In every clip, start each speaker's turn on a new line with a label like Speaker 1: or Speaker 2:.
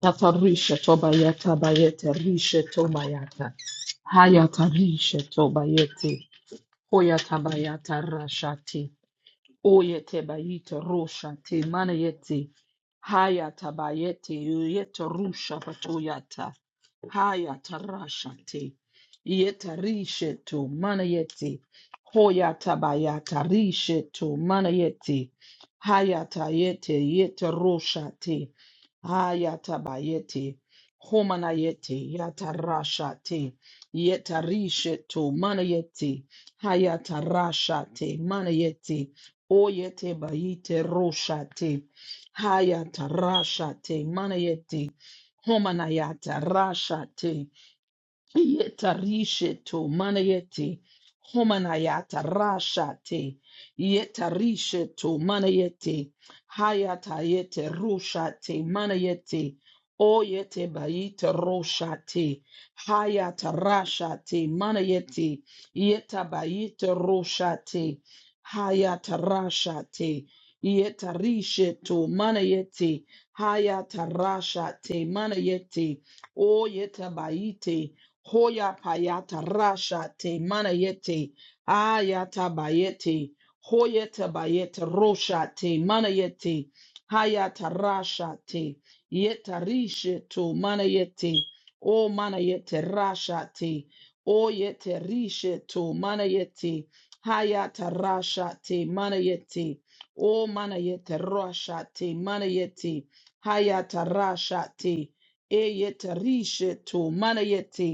Speaker 1: Tatarisha tobayata bayete rishe tobayata. Hayata rishe tobayete. Hoyata bayata rashati. Oyete bayete roshati manayete. Hayata bayete uyete rusha patoyata. Haya tarashate. Yetarishe to manayeti. Hoya tabaya tarishe to manayeti. Haya tayete yetaroshate. Haya tabayete. Homanayete yatarashate. Yetarishe to manayeti. Haya tarashate manayeti. Oyete bayite roshate. Haya tarashate manayeti. Homanayata Rasha Te Yetarishe to manayeti homanayata rashate yetarishe to manayeti hayatayete rushate manayeti oyete bayite roshate hayata rashate manayeti yetabayite roshate hayata rashate yetarishe to manayeti hayata rashate manayeti oyete bayite Hoya payata rasha te manayete ayata bayete hoyeta bayete rosha te manayete hayata rasha te yeta rishe to manayete o manayete rasha te o yete rishe to manayete hayata rasha te manayete o manayete rasha te manayete hayata rasha te eyete rishe to manayete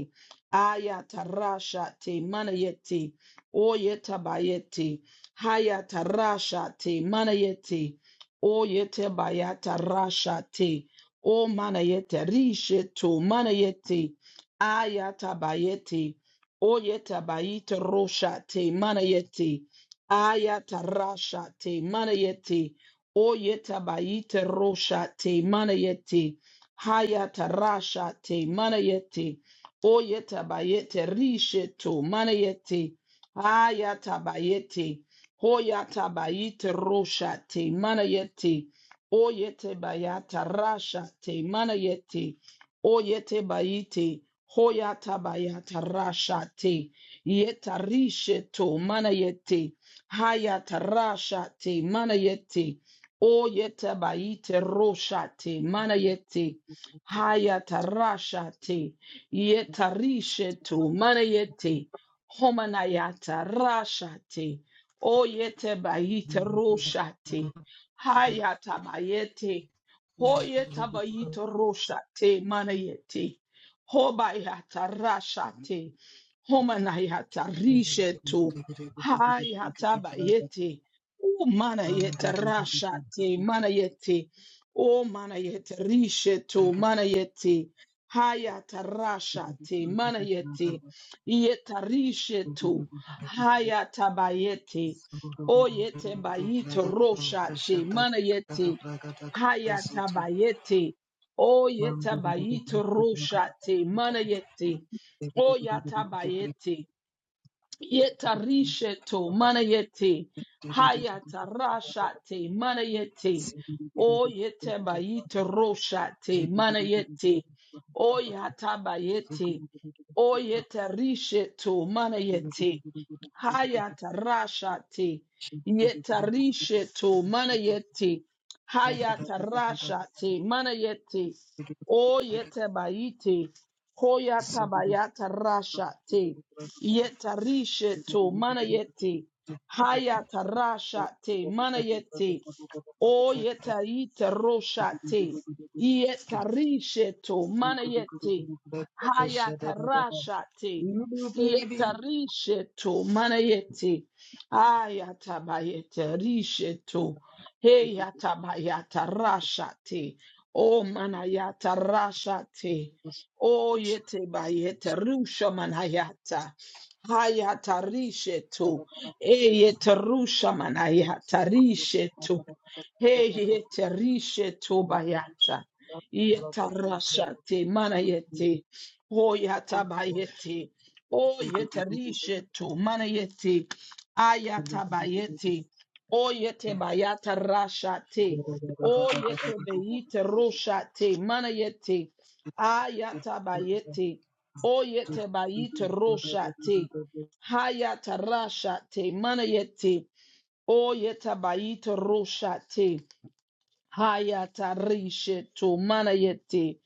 Speaker 1: Ayatarashate manayete. Oyetabayete. Hayatarashate manayete. Oyetabayatarashate. O manayete risheto manayete. Ayatabayete. Oyetabayete roshate manayete. Ayatarashate manayete. Oyetabayete roshate manayete. Hayatarashate manayete. Oyetabayete risheto manayete. Ayatabayete. Hoyatabayete roshate manayete. Oyete bayata rashate manayete. Oyete bayete. Hoyatabayata rashate. Yeta risheto manayete. Hayata rashate manayete. Oyete bayete roshate manayete. Hayata rashate. Yetarishe tu manayete homanayata rashate oyete bayite
Speaker 2: Thank
Speaker 1: roshate hayata bayete hoyeta bayite roshate manayete hobayata rashate homanayata rishe tu hayata bayete o manayete rashate manayete o manayete rishe tu manayete Haya tarashate manayete yetarishetu haya tabayete oyete bayito roshate manayete haya tabayete oyete bayito roshate manayete oyata bayete Yetarisheto manayete hayatarashate manayete o yetebayite roshate manayete o yatabayete o
Speaker 2: you.
Speaker 1: yetarisheto
Speaker 2: You
Speaker 1: manayete Hayatarashati. Yetarishetu. Manayeti. Hayatarashati. Manayeti. O yetabayiti. Hoyatabayatarashati. Yetarishetu. Manayeti. Hayatarashati. Manayeti. O yetaiteroshati. Yetarishetu. Manayeti. Hayatarashati.
Speaker 2: baby.
Speaker 1: Sietarisheto manayeti. Ayatabayete risheto. Heyatabayata rashate. O manayata rashate. O yete bayete rusha manayata. Hayata risheto. Eyete rusha manayata risheto. Heyete risheto bayata. Yeta rashate
Speaker 2: Zugu
Speaker 1: manayete. Hoyata bayete. O yete rishe to mana yete ayata bayete. O yete bayata rasha te. O yete beyete rosha te mana yete ayata bayete. O yete bayite rosha te. Hayata rasha te mana yete. O yete bayite rosha te. Hayatarishe tu manayeti.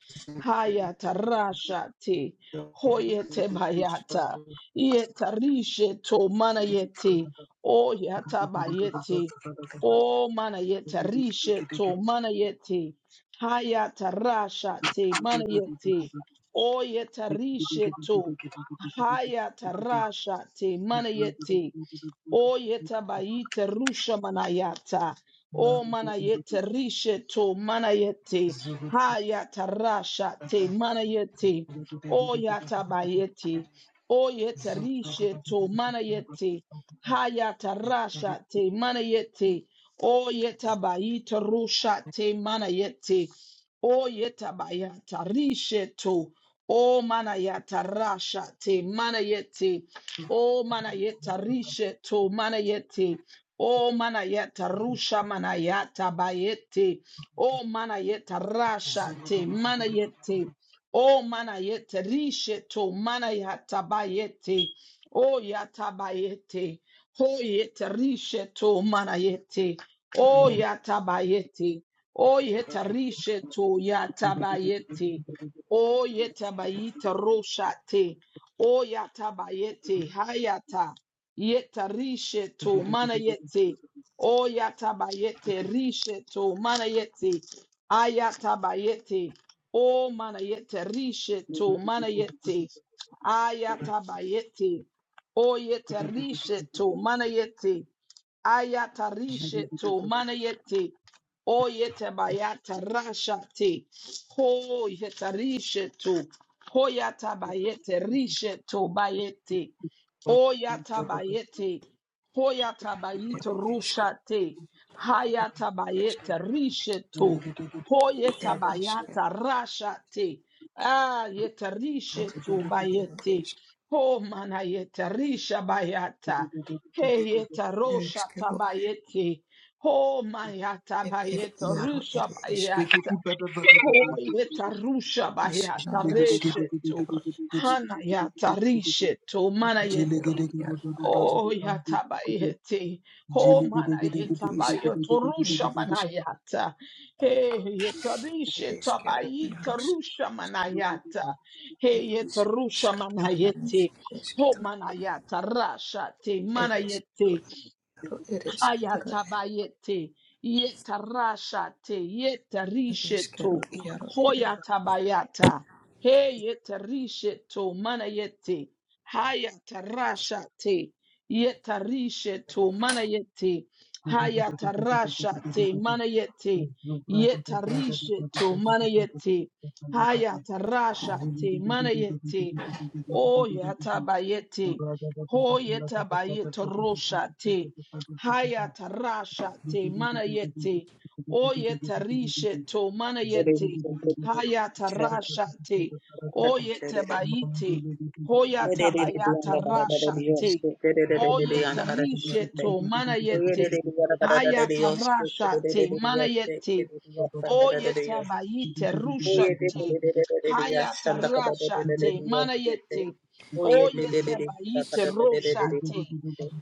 Speaker 1: Hayatarashati. Hoyete bayata. Yetarishe tu manayeti. Oyata bayeti. O manayetarishe tu manayeti. Hayatarashati manayeti. Oyetarishe tu. Hayatarashati manayeti. O yeta bayite rusha manayata. O manayete rishe to manayete. Hayata rasha te manayete. O yata bayete. O yeta rishe to manayete. Hayata rasha
Speaker 2: Jele
Speaker 1: te manayete. O yeta bayite rusha te manayete. O yeta bayata rishe to. O manayata rasha te manayete. O manayeta rishe to manayete. O manayeta rusha manayata bayete. O manayeta rasha te manayete. O manayete rishe to manayata bayete. O yata bayete. Ho yeta rishe to manayete. O yata bayete. O yeta rishe to yata bayete. O yeta bayita rosha te. O yata bayete hayata yeta rishe to mana yete o yata bayete rishe to mana yete ayata bayete o mana yete rishe to mana yete ayata bayete o oyete rishe to mana yete Ayatarishe to manayete. O yete bayata rashate. Ho yetarishe to. Hoyata bayete rishe to bayete. Oyata bayete. Hoyata bayete
Speaker 3: ere eske
Speaker 1: rushate. Hayata
Speaker 3: eske
Speaker 1: bayete rishe to. Hoyeta
Speaker 3: ere eske
Speaker 1: bayata rashate. Ah,
Speaker 3: ere
Speaker 1: yetarishe to
Speaker 3: iaro ere
Speaker 1: bayete.
Speaker 3: eske
Speaker 1: Ho manayete risha bayata. Heyeta
Speaker 3: ere
Speaker 1: rosha
Speaker 3: eskero
Speaker 1: tabayeti. Oh maya
Speaker 3: ere ere
Speaker 1: tabayeta
Speaker 3: iaro
Speaker 1: rusha
Speaker 3: ere eskero
Speaker 1: bayata. Oh yeta rusha
Speaker 3: ishano
Speaker 1: bayata
Speaker 3: nash
Speaker 1: reshetu.
Speaker 3: eskero iaros
Speaker 1: Hana yata rishetu
Speaker 3: ere eskero
Speaker 1: manayeti.
Speaker 3: iaro ares
Speaker 1: Oh yata bayeti. Oh manayeta
Speaker 3: ere isharo
Speaker 1: bayoto
Speaker 3: ere
Speaker 1: rusha
Speaker 3: eske
Speaker 1: manayata. Hey yeta
Speaker 3: ere
Speaker 1: rishetu
Speaker 3: eskero
Speaker 1: bayita
Speaker 3: iaros
Speaker 1: rusha manayata. Hey
Speaker 3: ere
Speaker 1: yeta
Speaker 3: isharo
Speaker 1: rusha
Speaker 3: skatana nis
Speaker 1: manayeti.
Speaker 3: ere
Speaker 1: Oh
Speaker 3: esketoro
Speaker 1: manayata rasha te
Speaker 3: ere
Speaker 1: manayeti.
Speaker 3: eskero iaro ere esketoro
Speaker 1: Hayatabayete, yetarashate,
Speaker 3: ere eskero
Speaker 1: yetarisheto,
Speaker 3: iaro ere
Speaker 1: hoyatabayata, heyetarisheto, manayete, hayatarashate, yetarisheto, manayete,
Speaker 2: Thank
Speaker 1: hayatarashate, manayete, yetarisheto, manayete, hayatarashate, manayete, oyatabayete, hoyatabayete, roshate, Hayata rasha te manayete. Oyeta rishe to mana yete Hayata rasha te. Oyeta bayite. Hoyata bayata rasha te. Oyeta rishe to manayete. Hayata rasha te mana yete.
Speaker 2: you.
Speaker 1: Oyeta
Speaker 2: Zulu
Speaker 1: bayite rushate. Hayata rashate. Manayete. Oyete bayite roshate.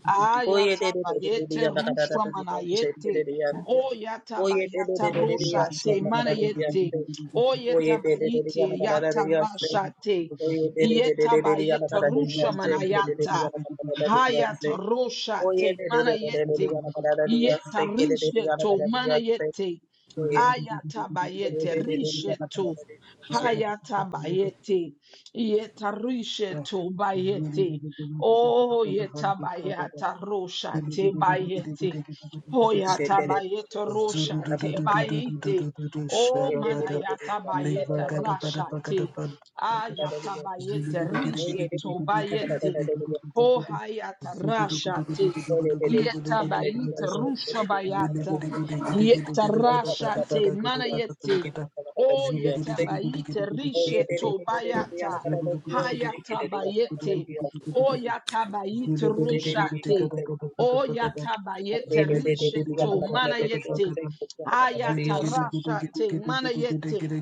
Speaker 1: Ayata bayete rusha manayete. Oyata bayata roshate. Manayete. Oyeta bayite yata rashate. Yeta bayete rusha manayata. Hayata roshate. Manayete. Yeta risheto manayete. Ayatabayete rishetu. Hayatabayete. Yetarishetu bayete. Oh yetabayata
Speaker 2: Zugudu
Speaker 1: rosha te bayete. Hoyatabayete rosha te bayete. Oh manayatabayete rasha te. Ayatabayete rishetu bayete. Ko hayata rashate. Yeta bayita rusha bayata. Yeta rashate mana yete. O yeta bayite rishe to bayata. Hayata bayete. O yata
Speaker 2: Zulu
Speaker 1: bayite rushate. O yata bayete rishe to mana yete. Hayata rashate mana yete.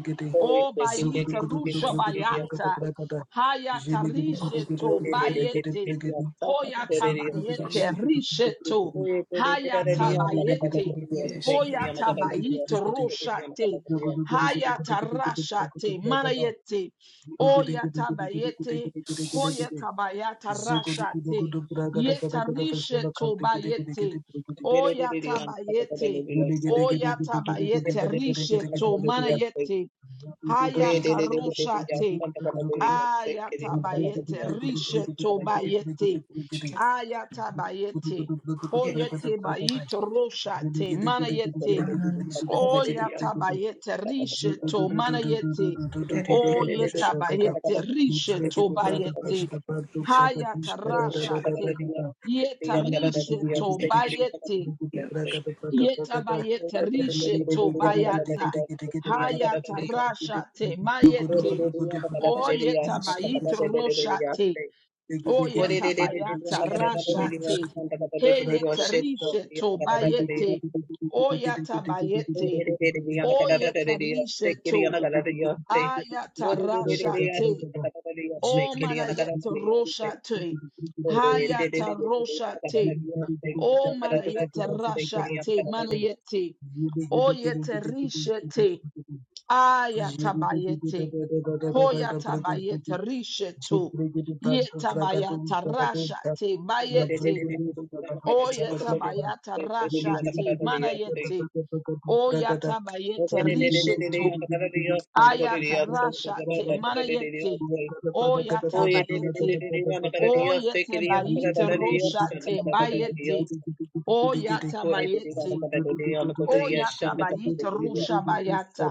Speaker 1: O bayite rusha bayata. Hayatarishe
Speaker 3: eskero
Speaker 1: to
Speaker 3: iaro ere
Speaker 1: bayete. Hoyatabayete
Speaker 3: eskero
Speaker 1: risheto. Hayatabayete.
Speaker 3: ere eskero ares
Speaker 1: Hoyatabayito roshate. Hayatarashate. Manayete. Oyatabayete. Hoyatabayata
Speaker 2: Shagada,
Speaker 1: rashate. Yetarisheto bayete. Oyatabayete. Oyatabayete risheto. Manayete. Hayataroshate. Ayatabayete, Rishetobayete,
Speaker 3: eskero
Speaker 1: Ayatabayete, Hoyete
Speaker 3: ere
Speaker 1: Bayito Roshate, Manayete,
Speaker 3: Anamnesis
Speaker 1: Oyatabayete, Risheto, Manayete,
Speaker 3: ere eskero,
Speaker 1: Oyetabayete,
Speaker 2: Livre de
Speaker 1: Risheto
Speaker 2: bada
Speaker 3: ere
Speaker 2: bada bada
Speaker 1: Bayete,
Speaker 3: eskero,
Speaker 2: bada
Speaker 3: isko,
Speaker 2: bada
Speaker 1: Hayata
Speaker 3: isko,
Speaker 2: bada bada
Speaker 3: iskero,
Speaker 1: Rashate,
Speaker 2: bada Zibra
Speaker 1: Yeta Risheto Bayete, Yetabayete, Risheto Bayata, Hayata Rashate, Mayete, Oyetabayit roshate. Oyetabayata rashate. Heyeterishe tobayete. Oyatabayete. Oyetarishe to. Ayata rashate. Omanayet roshate. Hayata
Speaker 2: Zagadu,
Speaker 1: roshate. Omanayet rashate. Manayete. Oyeterishete. Ayatabayete. Hoyatabayete rishetu. Yetabayata rashati bayeti. Oyetabayata rashati manayeti. Oyatabayete rishetu. Ayata rashati manayeti. Oyatabayeti. Oyetabayete roshati bayeti. Oyatabayeti. Oyatabayete rushabayata.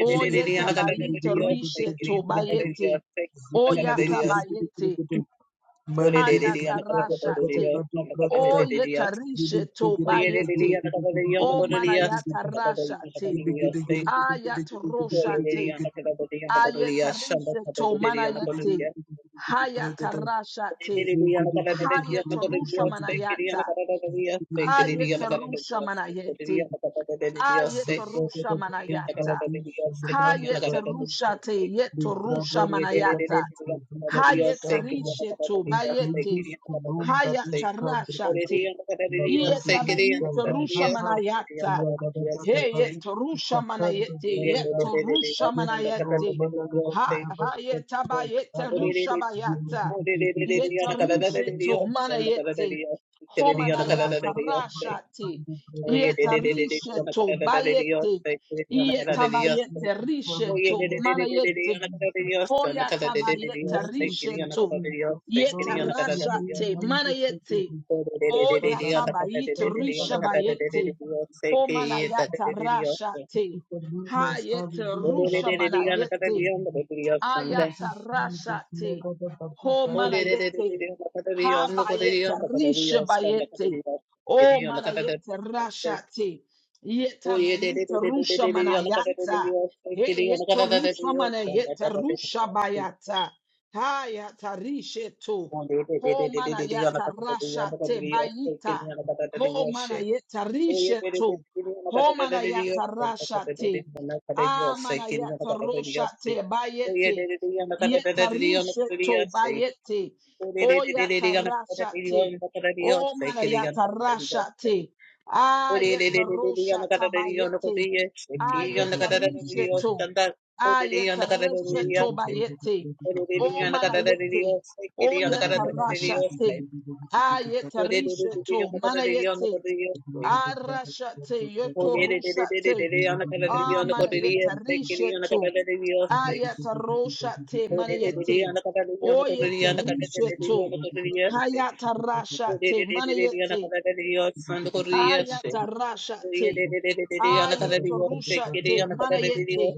Speaker 1: Oyetabayete rishetu bayeti. Oyatabayete. Hayatarashate. O yetarishe to bayete. O manayatarashate. Ayataroshate. Ayetarishe to manayete. Hayatarashate.
Speaker 2: Zugudu gudugudu
Speaker 1: Hayatarusha manayata.
Speaker 2: gudugudu gudugudu.
Speaker 1: Ayatarusha manayete.
Speaker 2: Yes,
Speaker 1: Ayatarusha manayata. Hayatarushate. Yetorusha manayata. Hayatarishe to bayete. Haya karashati. Iye tabayi torusha manayata. Heye torusha manayete. Ye torusha
Speaker 2: Lord,
Speaker 1: manayete.
Speaker 2: Malagada,
Speaker 1: Ha
Speaker 2: Bada
Speaker 1: haye
Speaker 2: Bagada
Speaker 1: tabayete
Speaker 2: Bada
Speaker 1: rusha bayata. Ye tarishe to manayete.
Speaker 2: Bambragada Bada
Speaker 1: Homanayata rashati. Iye
Speaker 2: Bada Bada
Speaker 1: tarishe to
Speaker 2: Bada
Speaker 1: bayete. Iye
Speaker 2: Thank you,
Speaker 1: tabayete
Speaker 2: Jesus.
Speaker 1: rishe to
Speaker 2: Hallelujah. Thank you,
Speaker 1: manayete.
Speaker 2: Jesus.
Speaker 1: Hoya taba yeta
Speaker 2: Hallelujah. Thank
Speaker 1: rishe
Speaker 2: you,
Speaker 1: to.
Speaker 2: Jesus.
Speaker 1: Yeta
Speaker 2: Glory to your
Speaker 1: rasha
Speaker 2: name,
Speaker 1: te. Mana
Speaker 2: wonderful
Speaker 1: yete.
Speaker 2: Jesus. Baba,
Speaker 1: Oya yata
Speaker 2: Baba,
Speaker 1: bayete
Speaker 2: Baba,
Speaker 1: risha
Speaker 2: Baba, Baba, Baba.
Speaker 1: bayete. O mana yata
Speaker 2: Thank
Speaker 1: rasha
Speaker 2: you
Speaker 1: te.
Speaker 2: for
Speaker 1: Ha
Speaker 2: goodness.
Speaker 1: yete
Speaker 2: Hallelujah.
Speaker 1: rusha mana
Speaker 2: Thank you,
Speaker 1: yete.
Speaker 2: Jesus. Thank you, Jesus.
Speaker 1: Ayatarashate.
Speaker 2: Baba,
Speaker 1: Ho
Speaker 2: Baba, Baba,
Speaker 1: manayete. Habayete. Rishabayete. O manayete rashate. Yeta bayete rusha manayata. He yeto rusha manayete rusha bayata. Hayata risheto. Ho manayata rashate bayita. Ho manayeta risheto. Ho manayata rashate. Amana yata rosha te bayete. Yeta rishe to bayete. O yata rasha te. O mana yata rasha te. Ayeta rosha tabayete. Ayeta rishe to. Ayeta rishe to bayete. O mana yete. O yata rasha te. Ayeta rishe to. Mana yete. Arasha te. Yoto
Speaker 2: Baba.
Speaker 1: rusha Ah, manayeta
Speaker 2: Zudu
Speaker 1: rishetu. Ayata roshate manayete. Oyete rishetu. Hayata rashate manayete. Ayata rashate. Ayeta rushate manayete.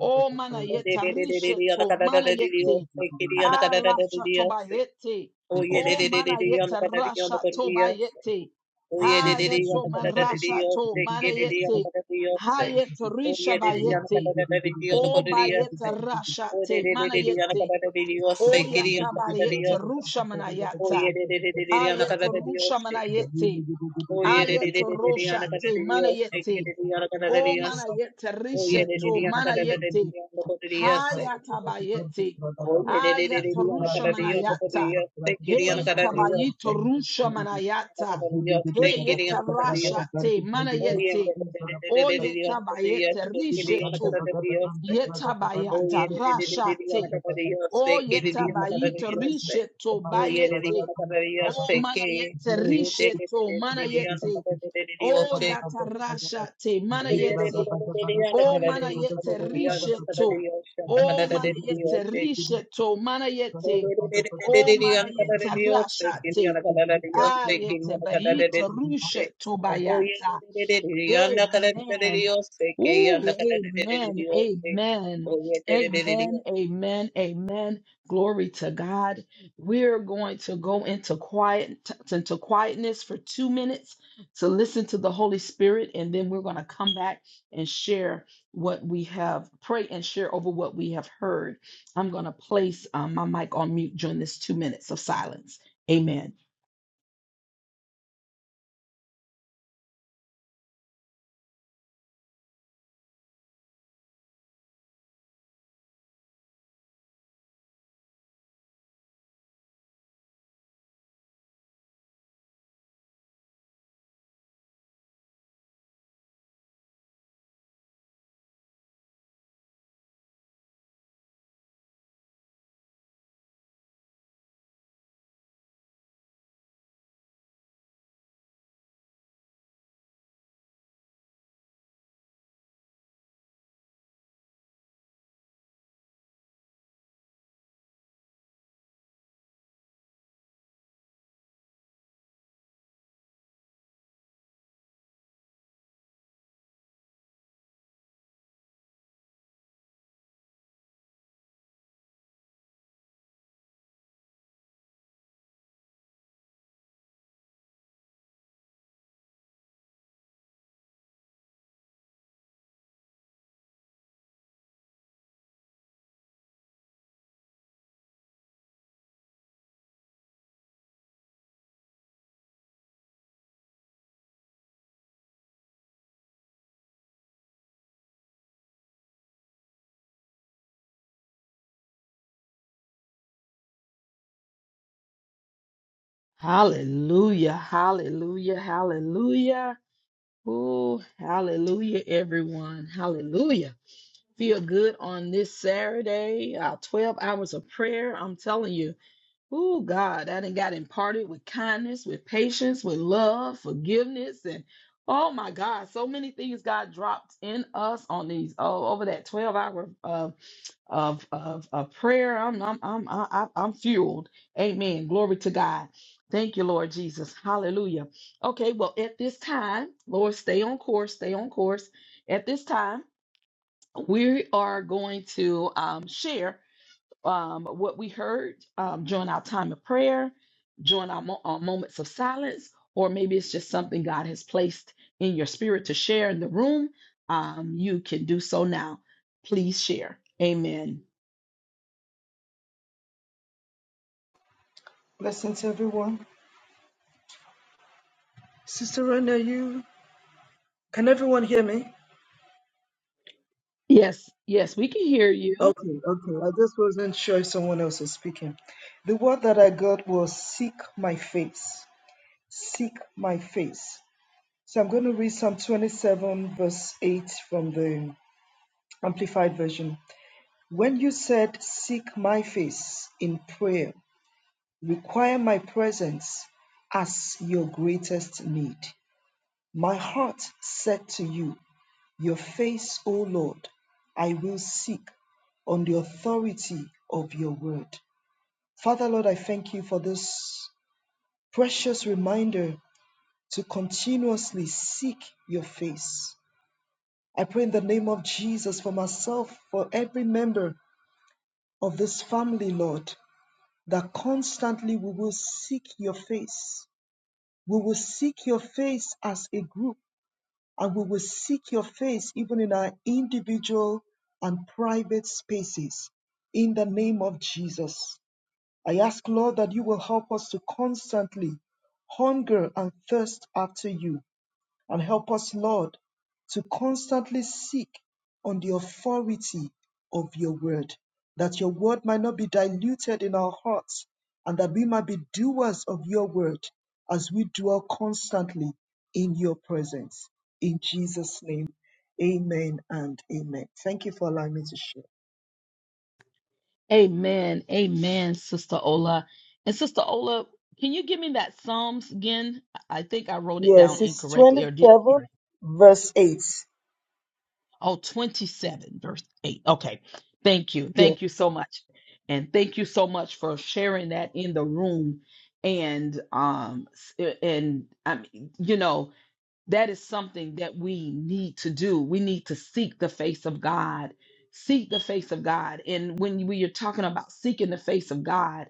Speaker 1: O manayeta rishetu manayete. Ah, lasha tobayete. O manayeta rasha tobayete. Adeso man rasha to manayete. Hayet risha bayete. O bayeta rashate manayete. O yata bayete rusha manayata. Ayete rusha manayete.
Speaker 2: Zulu
Speaker 1: Ayete roshate manayete. O manayete risheto manayete. Hayata bayete. Ayata rusha manayata. Heyeta bayito rusha manayata. Heyeta rashate manayete. O yeta bayete risheto. Yetabayata rashate. O yetabayita risheto bayete. O mana yete risheto mana yete. O yata rashate mana yete. O mana yete risheto. O mana yete risheto mana yete. O mana yete rashate. Ayete bayita risheto bayata. Amen. Ooh, amen, amen, amen, amen, amen. Glory to God. We're going to go into quiet into quietness for two minutes to listen to the Holy Spirit, and then we're going to come back and share what we have, pray and share over what we have heard. I'm going to place um, my mic on mute during this two minutes of silence. Amen. Hallelujah, hallelujah, hallelujah. Oh, hallelujah, everyone. Hallelujah. Feel good on this Saturday, Our 12 hours of prayer. I'm telling you, oh, God, I done got imparted with kindness, with patience, with love, forgiveness, and oh, my God, so many things God dropped in us on these, oh, over that 12 hour. uh, of of, of prayer. I'm I'm I'm I- I- I'm fueled. Amen. Glory to God. Thank you, Lord Jesus. Hallelujah. Okay, well, at this time, Lord, stay on course. Stay on course. At this time, we are going to um, share um, what we heard um, during our time of prayer, during our, mo- our moments of silence, or maybe it's just something God has placed in your spirit to share in the room. Um, you can do so now. Please share. Amen.
Speaker 2: Blessings, everyone. Sister Rene, you can everyone hear me?
Speaker 1: Yes, yes, we can hear you.
Speaker 2: Okay, okay. I just wasn't sure if someone else was speaking. The word that I got was seek my face. Seek my face. So I'm going to read Psalm 27, verse 8 from the Amplified Version. When you said, Seek my face in prayer, require my presence as your greatest need, my heart said to you, Your face, O Lord, I will seek on the authority of your word. Father, Lord, I thank you for this precious reminder to continuously seek your face I pray in the name of Jesus for myself, for every member of this family, Lord, that constantly we will seek your face. We will seek your face as a group, and we will seek your face even in our individual and private spaces. In the name of Jesus, I ask, Lord, that you will help us to constantly hunger and thirst after you and help us, Lord, to constantly seek on the authority of your word, that your word might not be diluted in our hearts, and that we might be doers of your word as we dwell constantly in your presence. In Jesus' name, amen and amen. Thank you for allowing me to share.
Speaker 1: Amen. Amen, Sister Ola. And Sister Ola, can you give me that Psalms again? I I think I wrote it
Speaker 2: Yes,
Speaker 1: down
Speaker 2: it's
Speaker 1: incorrectly or didn't
Speaker 2: 27,
Speaker 1: hear it.
Speaker 2: verse 8.
Speaker 1: Oh, 27, verse 8. Okay. Thank you.
Speaker 2: Yes.
Speaker 1: Thank you so much. And thank you so much for sharing that in the room. And um s- eh, and I mean, you know, that is something that we need to do. We need to seek the face of God. Seek the face of God. And when we are talking about seeking the face of God,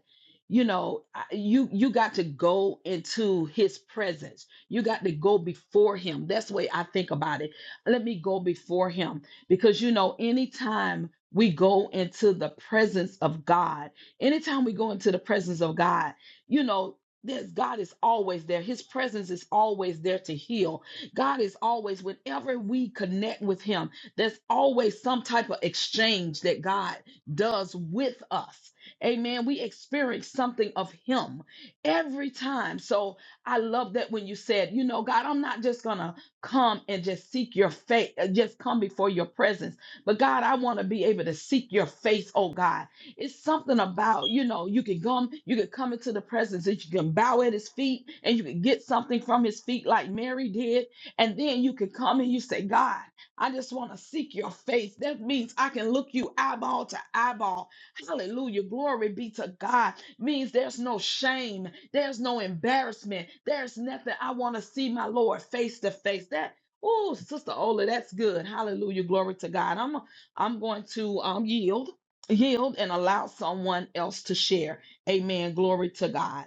Speaker 1: you know, I- you you got to go into his presence. You got to go before him. That's the way I think about it. Let me go before him because you know, anytime we go into the presence of God, anytime we go into the presence of God, you know, there's God is always there. His presence is always there to heal. God is always, whenever we connect with Him, there's always some type of exchange that God does with us. Amen. We experience something of Him every time. So I love that when you said, you know, God, I'm not just going to come and just seek your face, uh, just come before your presence, but God, I want to be able to seek your face, oh God. It's something about, you know, you can come, you can come into the presence that you can bow at his feet and you can get something from his feet like Mary did and then you can come and you say, God, I just want to seek your face. That means I can look you eyeball to eyeball. Hallelujah. Glory be to God. Means there's no shame, there's no embarrassment, there's nothing. I want to see my Lord face to face. That Oh, Sister Ola, that's good. Hallelujah. Glory to God. I'm I'm going to um yield, yield and allow someone else to share. Amen. Glory to God.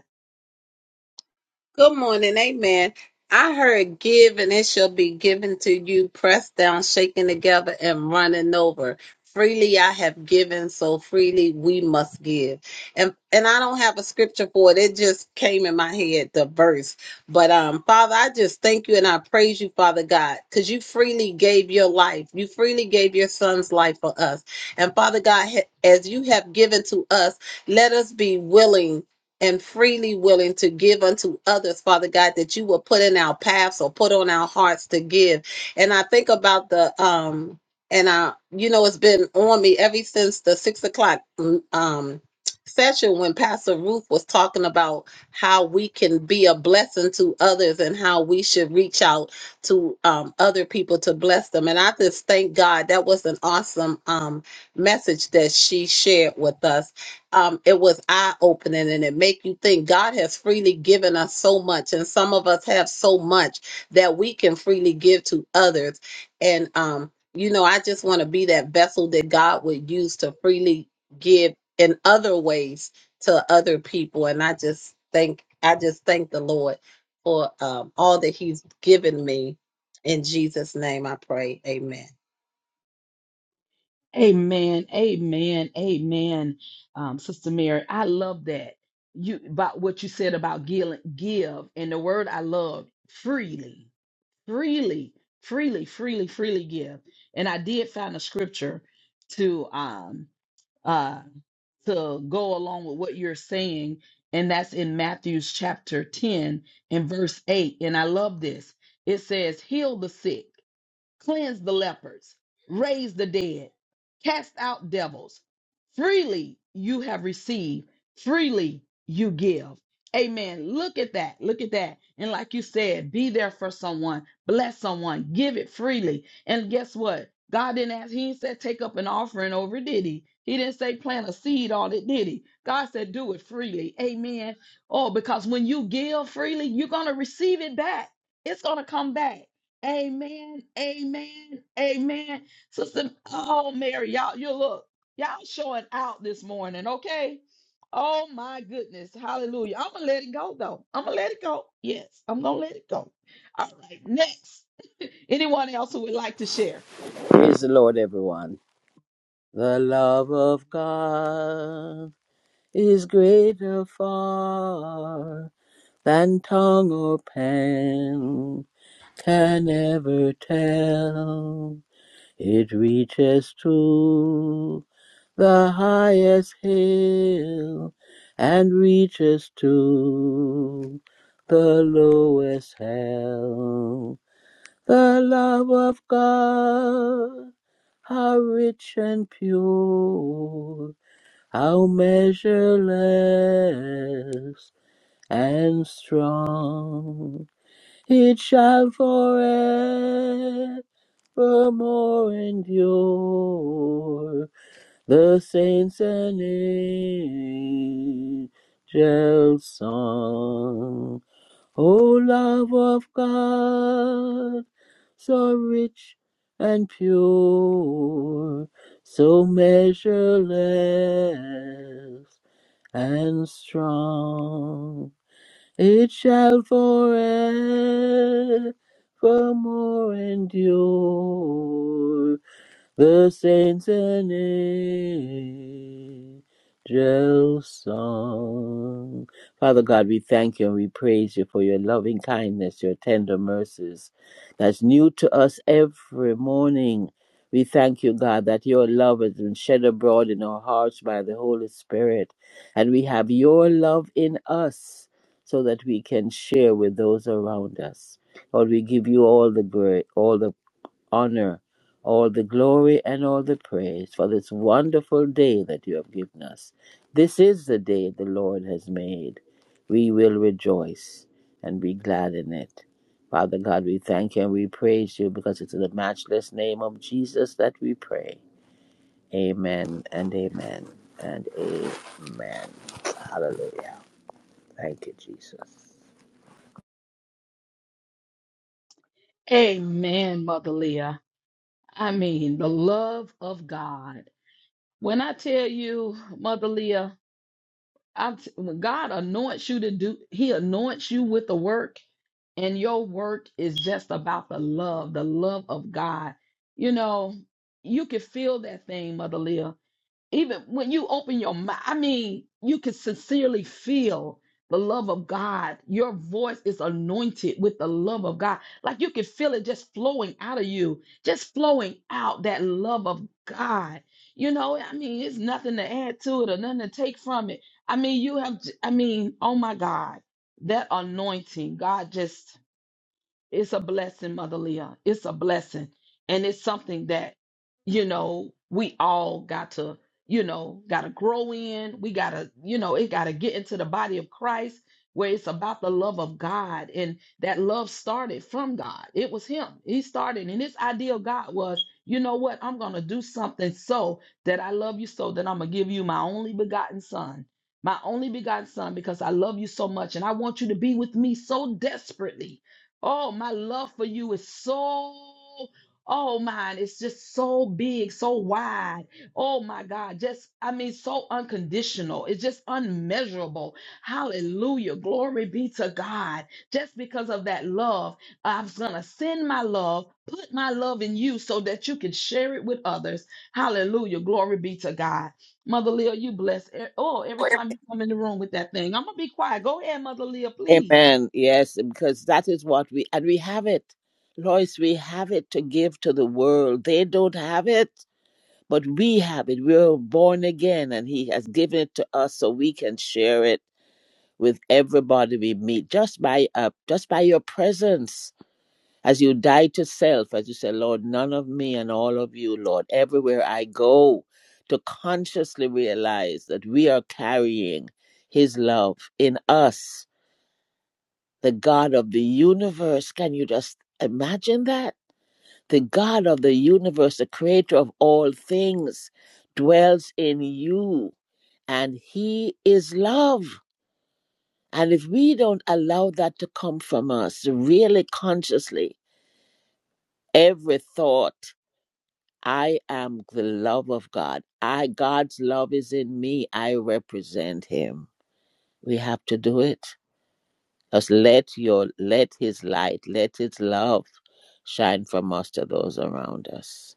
Speaker 4: power. Freely I have given, so freely we must give. And and I don't have a scripture for it. It just came in my head, the verse. But um, Father, I just thank you and I praise you, Father God, because you freely gave your life. You freely gave your son's life for us. And Father God, ha- as you have given to us, let us be willing and freely willing to give unto others, Father God, that you will put in our paths or put on our hearts to give. And I think about the um and I, you know, it's been on me ever since the six o'clock mm, um session when Pastor Ruth was talking about how we can be a blessing to others and how we should reach out to um other people to bless them. And I just thank God that was an awesome um message that she shared with us. Um it was eye-opening and it make you think God has freely given us so much and some of us have so much that we can freely give to others and um you know, I just want to be that vessel that God would use to freely give in other ways to other people. And I just thank, I just thank the Lord for um, all that He's given me. In Jesus' name, I pray. Amen.
Speaker 1: Amen. Amen. Amen. Um, Sister Mary, I love that. You about what you said about give, give and the word I love freely, freely, freely, freely, freely give. And I did find a scripture to um uh to go along with what you're saying, and that's in Matthew's chapter 10 and verse 8. And I love this. It says, Heal the sick cleanse the lepers, raise the dead, cast out devils. Freely you have received, freely you give. Amen. Look at that. Look at that. And like you said, be there for someone, bless someone, give it freely. And guess what? God didn't ask, He didn't say take up an offering over, it, did He? He didn't say plant a seed on it, did He? God said do it freely. Amen. Oh, because when you give freely, you're going to receive it back. It's going to come back. Amen. Amen. Amen. Sister, oh Mary, y'all, you look, y'all showing out this morning, okay? Oh my goodness. Hallelujah. I'm gonna let it go though. I'm gonna let it go. Yes, I'm gonna let it go. All right, next. Anyone else who would like to share?
Speaker 5: Praise the Lord, everyone. The love of God is greater far than tongue or pen can ever tell. It reaches to the highest hill and reaches to the lowest hell. The love of God, how rich and pure, how measureless and strong. It shall forevermore endure the saints and angels' song. O love of God so rich and pure, so measureless and strong. It shall forevermore endure the saints and angels song. Father God, we thank you and we praise you for your loving kindness, your tender mercies that's new to us every morning. We thank you, God, that your love has been shed abroad in our hearts by the Holy Spirit. And we have your love in us so that we can share with those around us. Lord, we give you all the glory, all the honor, all the glory, and all the praise for this wonderful day that you have given us. This is the day the Lord has made. We will rejoice and be glad in it. Father God, we thank you and we praise you because it's in the matchless name of Jesus that we pray. Amen and amen and amen. Hallelujah. Thank you, Jesus.
Speaker 1: Amen, Mother Leah. I mean, the love of God. When I tell you, Mother Leah, I t- when God anoints you to do, He anoints you with the work. and your work is just about the love, the love of God. You know, you can feel that thing, Mother Leah. Even when you open your mouth, I mean, you can sincerely feel the love of God. Your voice is anointed with the love of God. Like you can feel it just flowing out of you, just flowing out that love of God. You know, I mean, it's nothing to add to it or nothing to take from it. I mean, you have, I mean, oh my God, that anointing, God just it's a blessing, Mother Leah. It's a blessing. And it's something that, you know, we all got to, you know, got to grow in. We got to, you know, it got to get into the body of Christ where it's about the love of God. And that love started from God. It was Him. He started. And His ideal God was, you know what? I'm going to do something so that I love you so that I'm going to give you my only begotten Son. My only begotten son, because I love you so much and I want you to be with me so desperately Oh, my love for you is so, oh, mine, it's just so big, so wide. Oh, my God, just, I mean, so unconditional. It's just unmeasurable. Hallelujah. Glory be to God. Just because of that love, I'm going to send my love, put my love in you so that you can share it with others. Hallelujah. Glory be to God. Mother Leah, you bless. e-, Oh, every time you come in the room with that thing, I'm going to be quiet. Go ahead, Mother Leah, please.
Speaker 5: Amen. Yes, because that is what we and we have it. Lois, we have it to give to the world. They don't have it, but we have it. We're born again and he has given it to us so we can share it with everybody we meet just by uh, just by your presence. As you die to self, as you say, Lord, none of me and all of you, Lord, everywhere I go, to consciously realize that we are carrying his love in us the God of the universe. Can you just imagine that? The God of the universe, the creator of all things, dwells in you, and he is love. And if we don't allow that to come from us, really consciously, every thought, I am the love of God. I God's love is in me. I represent him. We have to do it. Just let your let his light, let his love shine from us to those around us.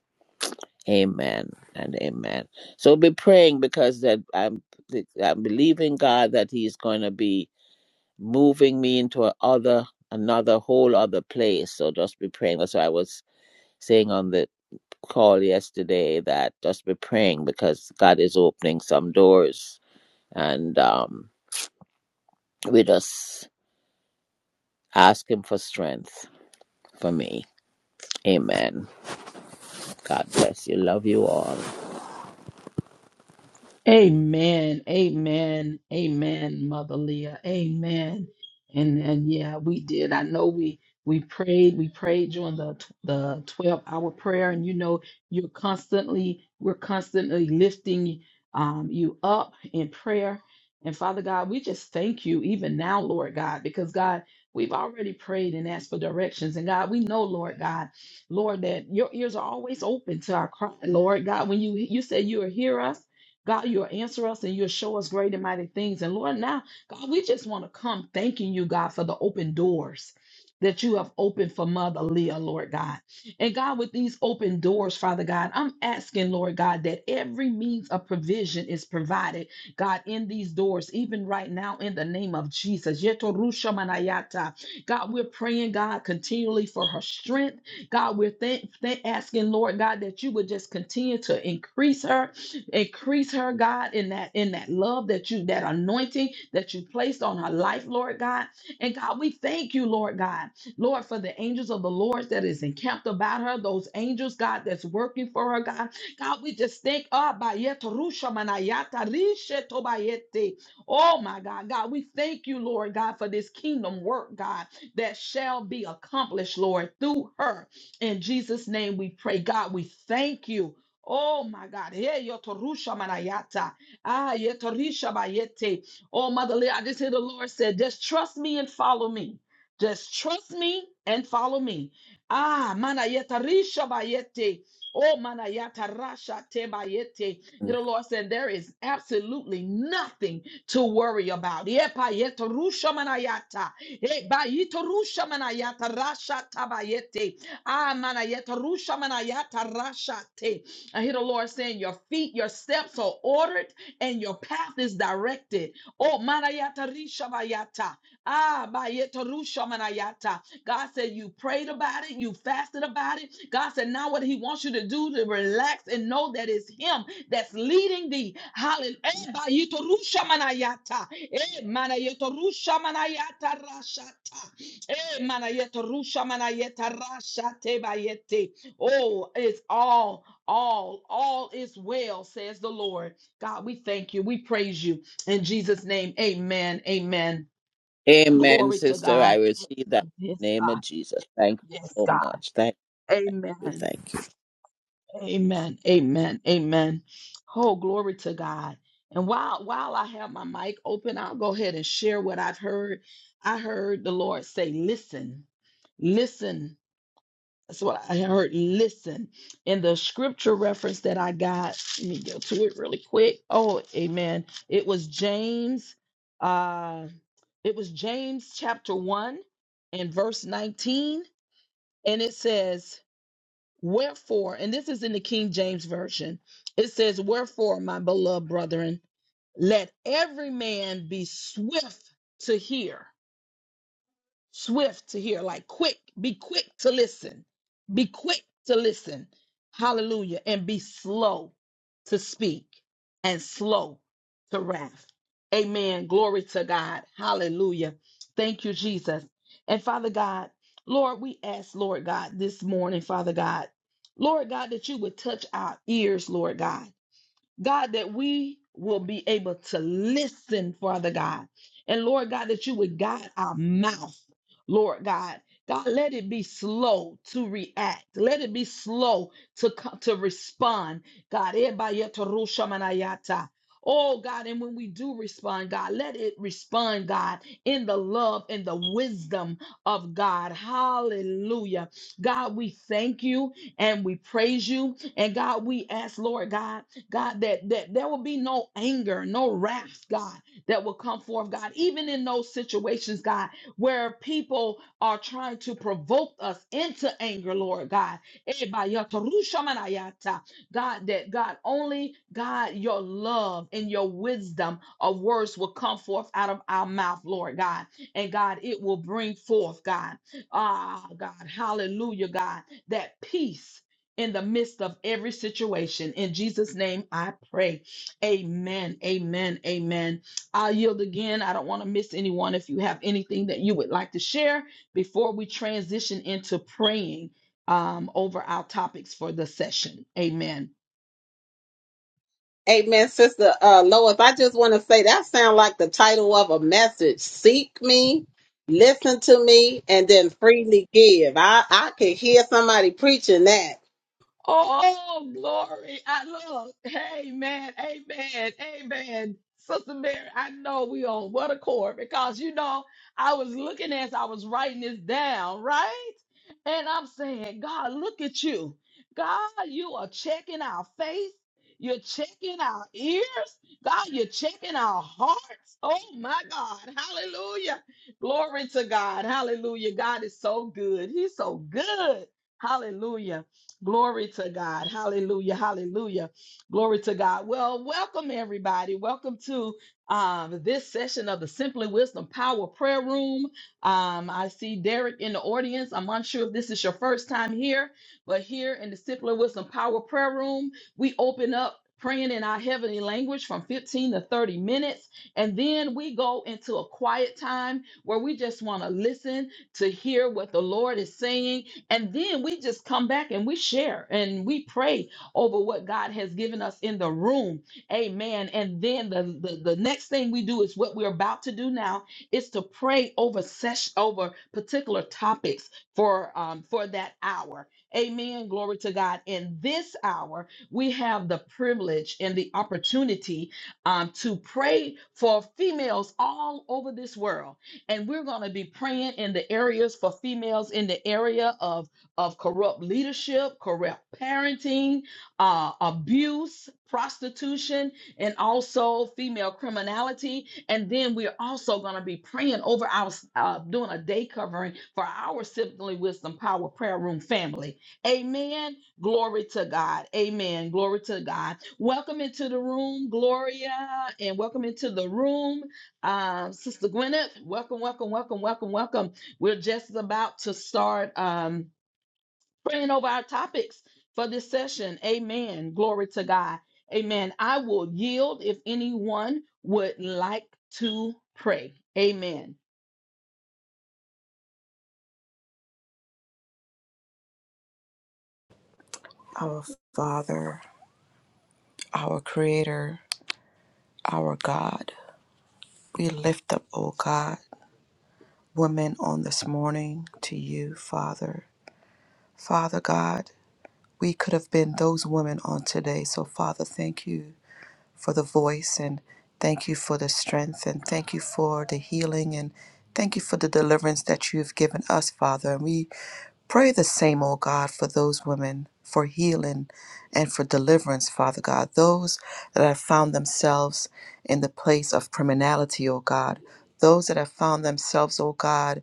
Speaker 5: Amen and amen. So we'll be praying because that I'm I'm believing God that He's going to be moving me into a other another whole other place. So just be praying. That's what I was saying on the call yesterday. That just be praying because God is opening some doors, and um, we just ask Him for strength for me. Amen. God bless you. Love you all.
Speaker 1: Amen. Amen. Amen, Mother Leah. Amen. And and yeah, we did. I know we we prayed. We prayed during the tw- the 12 hour prayer. And you know, you're constantly, we're constantly lifting um you up in prayer. And Father God, we just thank you even now, Lord God, because God, we've already prayed and asked for directions. And God, we know, Lord God, Lord, that your ears are always open to our cry, Lord God. When you you said you will hear us God, you'll answer us and you'll show us great and mighty things. And Lord, now, God, we just want to come thanking you, God, for the open doors that you have opened for Mother Leah, Lord God. And God, with these open doors, Father God, I'm asking, Lord God, that every means of provision is provided, God, in these doors, even right now, in the name of Jesus. Yetorusha manayata. God, we're praying, God, continually for her strength. God, we're thank- thank- asking, Lord God, that you would just continue to increase her, increase her god in that in that love that you that anointing that you placed on her life lord god and god we thank you lord god lord for the angels of the lord that is encamped about her those angels god that's working for her god god we just thank ah, bayet rusha manayata rishe tobayete. oh my god god we thank you lord god for this kingdom work god that shall be accomplished lord through her in jesus name we pray god we thank you Oh my God. Hey, yotorusha manayata. Ah, yetorisha bayete. Oh, motherly, I just hear the Lord said, just trust me and follow me. Just trust me and follow me. Ah, manayeta risha bayete. Oh, manayata rasha te bayete. Hear the Lord said, there is absolutely nothing to worry about. Yepa yetorusha manayata. Eh, bayitorusha manayata rasha tabayete. Ah, manayeta rusha manayata rasha te. I hear the Lord saying, Your feet, your steps are ordered and your path is directed. Oh, manayata rishabayata. Ah, bayeta rushamanayata. God said, You prayed about it, you fasted about it. God said, Now what He wants you to do to relax and know that it's Him that's leading thee. Hallelujah. Eh, bayeta rushamanayata. Eh, manayeta rushamanayata rashata. Eh, manayeta rushamanayata rashate bayete. Oh, it's all. All, all is well, says the Lord. God, we thank you. We praise you. In Jesus' name, amen. Amen.
Speaker 5: Amen,
Speaker 1: Glory to
Speaker 5: sister. I
Speaker 1: God.
Speaker 5: receive that in the
Speaker 1: Yes,
Speaker 5: name
Speaker 1: God.
Speaker 5: of Jesus. Thank
Speaker 1: Yes,
Speaker 5: you so
Speaker 1: God.
Speaker 5: much. Thank you.
Speaker 1: Amen.
Speaker 5: Thank you.
Speaker 1: Amen. Amen. Amen. Oh, glory to God. And while while I have my mic open, I'll go ahead and share what I've heard. I heard the Lord say, listen, listen That's what I heard. Listen, in the scripture reference that I got, let me go to it really quick. Oh, amen. It was James, uh, it was James chapter 1 and verse 19. And it says, Wherefore, and this is in the King James Version, it says, Wherefore, my beloved brethren, let every man be swift to hear swift to hear, like quick, be quick to listen, be quick to listen. Hallelujah. And be slow to speak and slow to wrath. Amen. Glory to God. Hallelujah. Thank you, Jesus. And Father God, Lord, we ask, Lord God, this morning, Father God, Lord God, that you would touch our ears, Lord God. God, that we will be able to listen, Father God. And Lord God, that you would guide our mouth, Lord God. God, let it be slow to react. Let it be slow to co- to respond. God, Ebayetorushamanayata. oh God, and when we do respond, God, let it respond, God, in the love and the wisdom of God. Hallelujah. God, we thank you and we praise you. And God, we ask, Lord God, God, that, that there will be no anger, no wrath, God, that will come forth, God, even in those situations, God, where people are trying to provoke us into anger, Lord God. Ebayatarushamanayata. God, that God, only God, your love and your wisdom of words will come forth out of our mouth, Lord God. And God, it will bring forth, God. Ah, God, hallelujah, God, that peace in the midst of every situation. In Jesus' name, I pray. Amen. Amen. Amen. I'll yield again. I don't want to miss anyone. If you have anything that you would like to share before we transition into praying um, over our topics for the session, amen.
Speaker 4: Amen, Sister uh, Lois. I just want to say that sounds like the title of a message. Seek me, listen to me, and then freely give. I, I could hear somebody preaching that
Speaker 1: Oh, glory. I love. Amen. Amen. Amen. Sister Mary, I know we on what accord because you know I was looking as I was writing this down, right? And I'm saying, God, look at you. God, you are checking our faith. You're checking our ears. God, you're checking our hearts. Oh my God. Hallelujah. Glory to God. Hallelujah. God is so good. He's so good. Hallelujah. Glory to God. Hallelujah. Hallelujah. Glory to God. Well, welcome everybody. Welcome to um, this session of the Simply Wisdom Power Prayer Room. Um, I see Derek in the audience. I'm unsure if this is your first time here, but here in the Simply Wisdom Power Prayer Room, we open up praying in our heavenly language from 15 to 30 minutes. And then we go into a quiet time where we just want to listen to hear what the Lord is saying and then we just come back and we share and we pray over what God has given us in the room. Amen. And then the, the, the next thing we do is what we're about to do now is to pray over session over particular topics for um, for that hour. Amen. Glory to God. In this hour, we have the privilege and the opportunity um, to pray for females all over this world and we're going to be praying in the areas for females in the area of of corrupt leadership, corrupt parenting, uh, abuse, prostitution, and also female criminality. And then we're also going to be praying over our uh, doing a day covering for our Simply Wisdom Power Prayer Room family. Amen. Glory to God. Amen. Glory to God. Welcome into the room, Gloria, and welcome into the room. Uh, Sister Gwyneth, welcome, welcome, welcome, welcome, welcome. We're just about to start um, praying over our topics for this session. Amen. Glory to God. Amen. I will yield if anyone would like to pray. Amen.
Speaker 3: Our Father, our Creator, our God, we lift up, O God, women on this morning to you, Father. Father God, we could have been those women on today, so Father, thank you for the voice and thank you for the strength and thank you for the healing and thank you for the deliverance that you've given us, Father. And we pray the same, O God, for those women for healing and for deliverance, Father God. Those that have found themselves in the place of criminality, O God. Those that have found themselves, O God,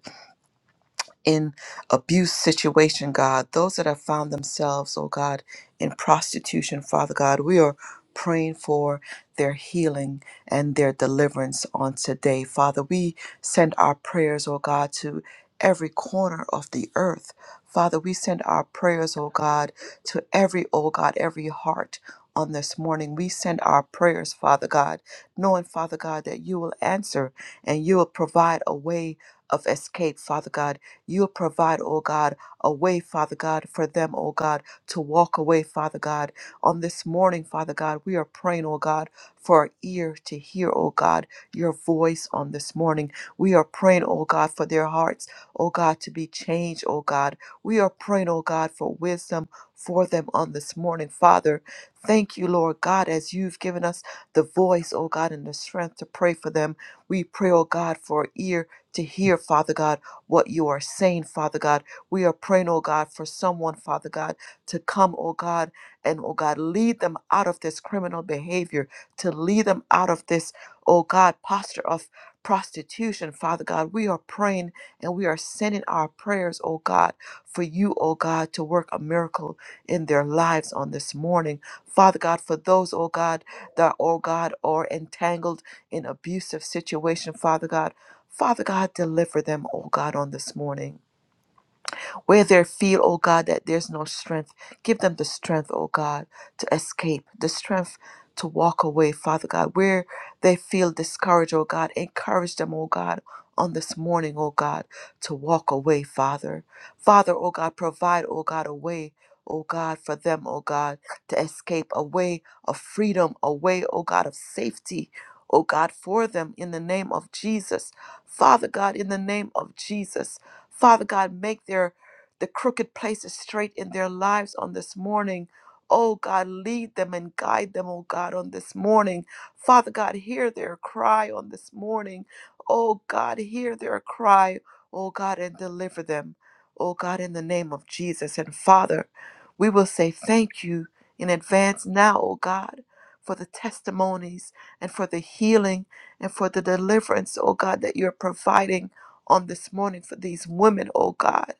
Speaker 3: in abuse situation, God, those that have found themselves, oh God, in prostitution, Father God, we are praying for their healing and their deliverance on today. Father, we send our prayers, oh God, to every corner of the earth. Father, we send our prayers, oh God, to every, oh God, every heart on this morning. We send our prayers, Father God, knowing, Father God, that you will answer and you will provide a way of escape, Father God You'll provide, oh God, a way, Father God, for them, oh God, to walk away, Father God. On this morning, Father God, we are praying, oh God, for our ear to hear, oh God, your voice on this morning. We are praying, oh God, for their hearts, oh God, to be changed, oh God. We are praying, oh God, for wisdom for them on this morning, Father. Thank you, Lord God, as you've given us the voice, oh God, and the strength to pray for them. We pray, oh God, for ear to hear, Father God what you are saying, Father God. We are praying, oh God, for someone, Father God, to come, oh God, and oh God, lead them out of this criminal behavior, to lead them out of this, oh God, posture of prostitution, Father God. We are praying and we are sending our prayers, oh God, for you, oh God, to work a miracle in their lives on this morning. Father God, for those, oh God, that, oh God, are entangled in abusive situation, Father God. Father God, deliver them, oh God, on this morning. Where they feel, oh God, that there's no strength, give them the strength, oh God, to escape, the strength to walk away, Father God. Where they feel discouraged, oh God, encourage them, oh God, on this morning, oh God, to walk away, Father. Father, oh God, provide, oh God, a way. Oh God, for them, oh God, to escape a way of freedom, a way, oh God, of safety, oh God, for them in the name of Jesus. Father God, in the name of Jesus, Father God, make their the crooked places straight in their lives on this morning. Oh God, lead them and guide them, oh God, on this morning. Father God, hear their cry on this morning. Oh God, hear their cry, oh God, and deliver them, oh God, in the name of Jesus. And Father, we will say thank you in advance now, oh God, for the testimonies and for the healing and for the deliverance, oh God, that you're providing on this morning for these women, oh God.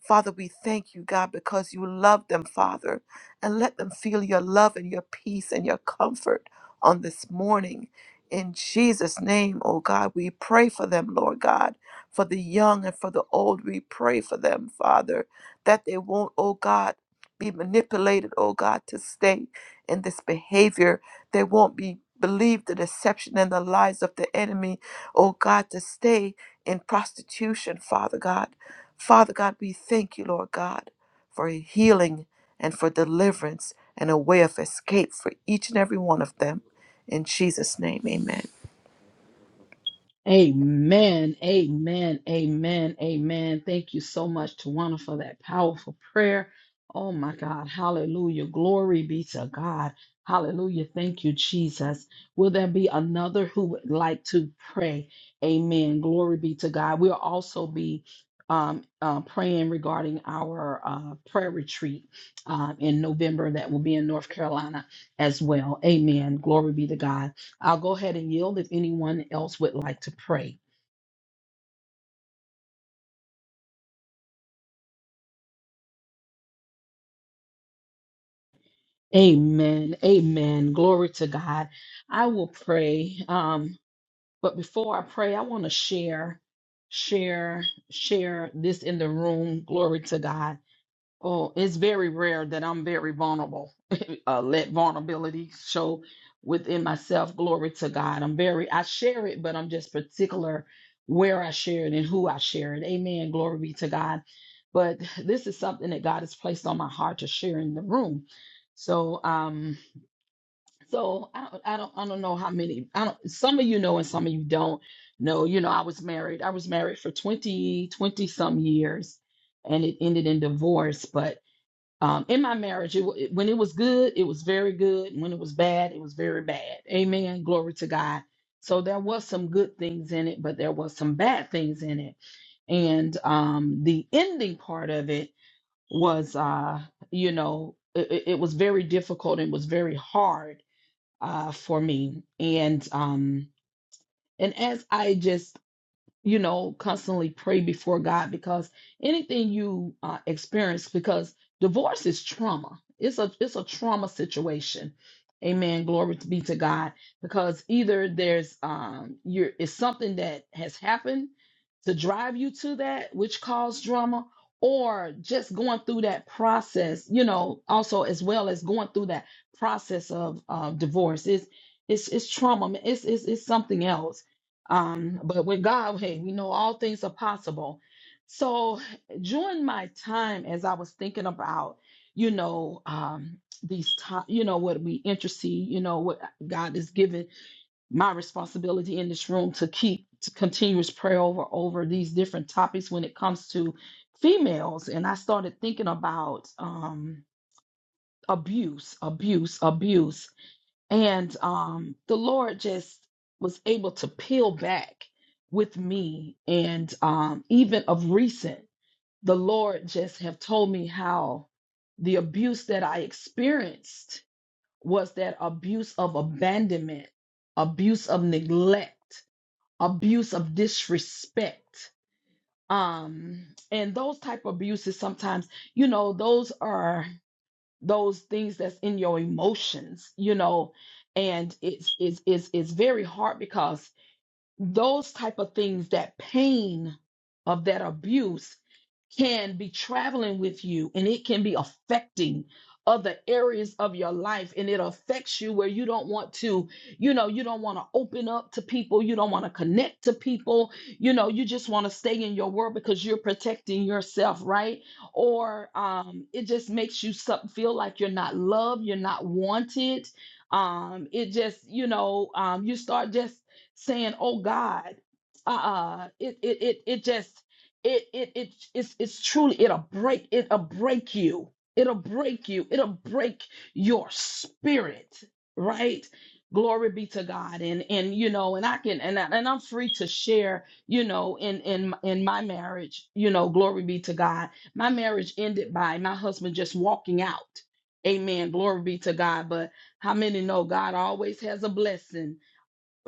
Speaker 3: Father, we thank you, God, because you love them, Father, and let them feel your love and your peace and your comfort on this morning. In Jesus' name, oh God, we pray for them, Lord God, for the young and for the old. We pray for them, Father, that they won't, oh God, be manipulated, oh God, to stay in this behavior. They won't be believe the deception and the lies of the enemy, oh God, to stay in prostitution, Father God. Father God, we thank you, Lord God, for healing and for deliverance and a way of escape for each and every one of them. In Jesus' name, amen.
Speaker 1: Amen. Amen. Amen. Amen. Thank you so much, Tawana, for that powerful prayer. Oh my God. Hallelujah. Glory be to God. Hallelujah. Thank you, Jesus. Will there be another who would like to pray? Amen. Glory be to God. We'll also be um, uh, praying regarding our uh, prayer retreat uh, in November that will be in North Carolina as well. Amen. Glory be to God. I'll go ahead and yield if anyone else would like to pray. Amen. Amen. Glory to God. I will pray. Um, but before I pray, I want to share, share, share this in the room. Glory to God. Oh, it's very rare that I'm very vulnerable. uh, let vulnerability show within myself. Glory to God. I'm very, I share it, but I'm just particular where I share it and who I share it. Amen. Glory be to God. But this is something that God has placed on my heart to share in the room. So, um, so I don't, I don't, I don't know how many. I don't. Some of you know, and some of you don't know. You know, I was married. I was married for 20, 20 some years, and it ended in divorce. But um, in my marriage, it, wa- when it was good, it was very good. and When it was bad, it was very bad. Amen. Glory to God. So there was some good things in it, but there was some bad things in it. And um, the ending part of it was, uh, you know, it, it it was very difficult and was very hard uh, for me. And um, and as I just you know, constantly pray before God because anything you uh, experience, because divorce is trauma. It's a it's a trauma situation. Amen. Glory to be to God. Because either there's um you're it's something that has happened to drive you to that, which caused drama, or just going through that process, you know, also as well as going through that process of uh, divorce. It's it's it's trauma. It's it's it's something else um, but with God, hey, we know all things are possible. So during my time, as I was thinking about, you know, um, these time, you know, what we intercede, you know, what God is giving my responsibility in this room to keep to continuous prayer over over these different topics when it comes to females. And I started thinking about um abuse, abuse, abuse. And um, the Lord just was able to peel back with me. And um, even of recent, the Lord just have told me how the abuse that I experienced was that abuse of abandonment, abuse of neglect, abuse of disrespect. Um, and those type of abuses sometimes, you know, those are those things that's in your emotions you know and it's it's it's, it's very hard because those type of things that pain of that abuse can be traveling with you and it can be affecting other areas of your life and it affects you where you don't want to you know you don't want to open up to people you don't want to connect to people you know you just want to stay in your world because you're protecting yourself right or um it just makes you sup- feel like you're not loved you're not wanted um it just you know um you start just saying, "Oh God," uh, it it it it just it it it it's it's truly it'll break it'll break you. It'll break you. It'll break your spirit, right? Glory be to God. And and you know, and I can and I, and I'm free to share, you know, in in in my marriage, you know, glory be to God. My marriage ended by my husband just walking out. Amen. Glory be to God. But how many know God always has a blessing?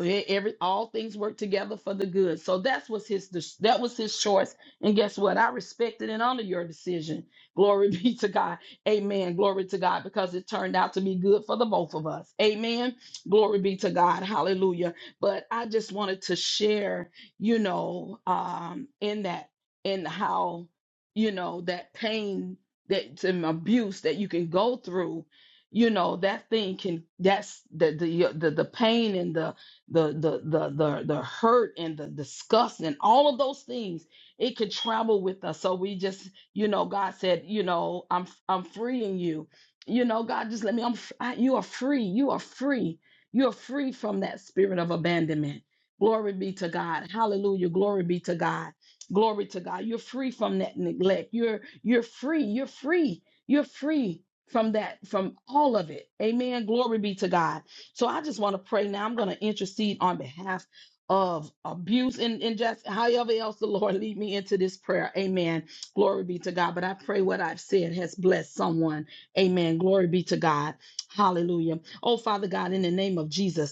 Speaker 1: E- every all things work together for the good so that's was his that was his choice and guess what i respected and honor your decision glory be to god amen glory to god because it turned out to be good for the both of us amen glory be to god hallelujah but i just wanted to share you know um in that in how you know that pain that and abuse that you can go through you know that thing can that's the the the, the pain and the the the the the the hurt and the disgust and all of those things it could travel with us so we just you know god said you know i'm i'm freeing you you know god just let me i'm f- I, you are free you are free you are free from that spirit of abandonment glory be to god hallelujah glory be to god glory to god you're free from that neglect you're you're free you're free you're free from that from all of it amen glory be to god so I just want to pray now. I'm going to intercede on behalf of abuse and, and just however else the Lord lead me into this prayer. Amen. Glory be to God. But I pray what I've said has blessed someone. Amen. Glory be to God. Hallelujah. Oh, Father God, in the name of Jesus.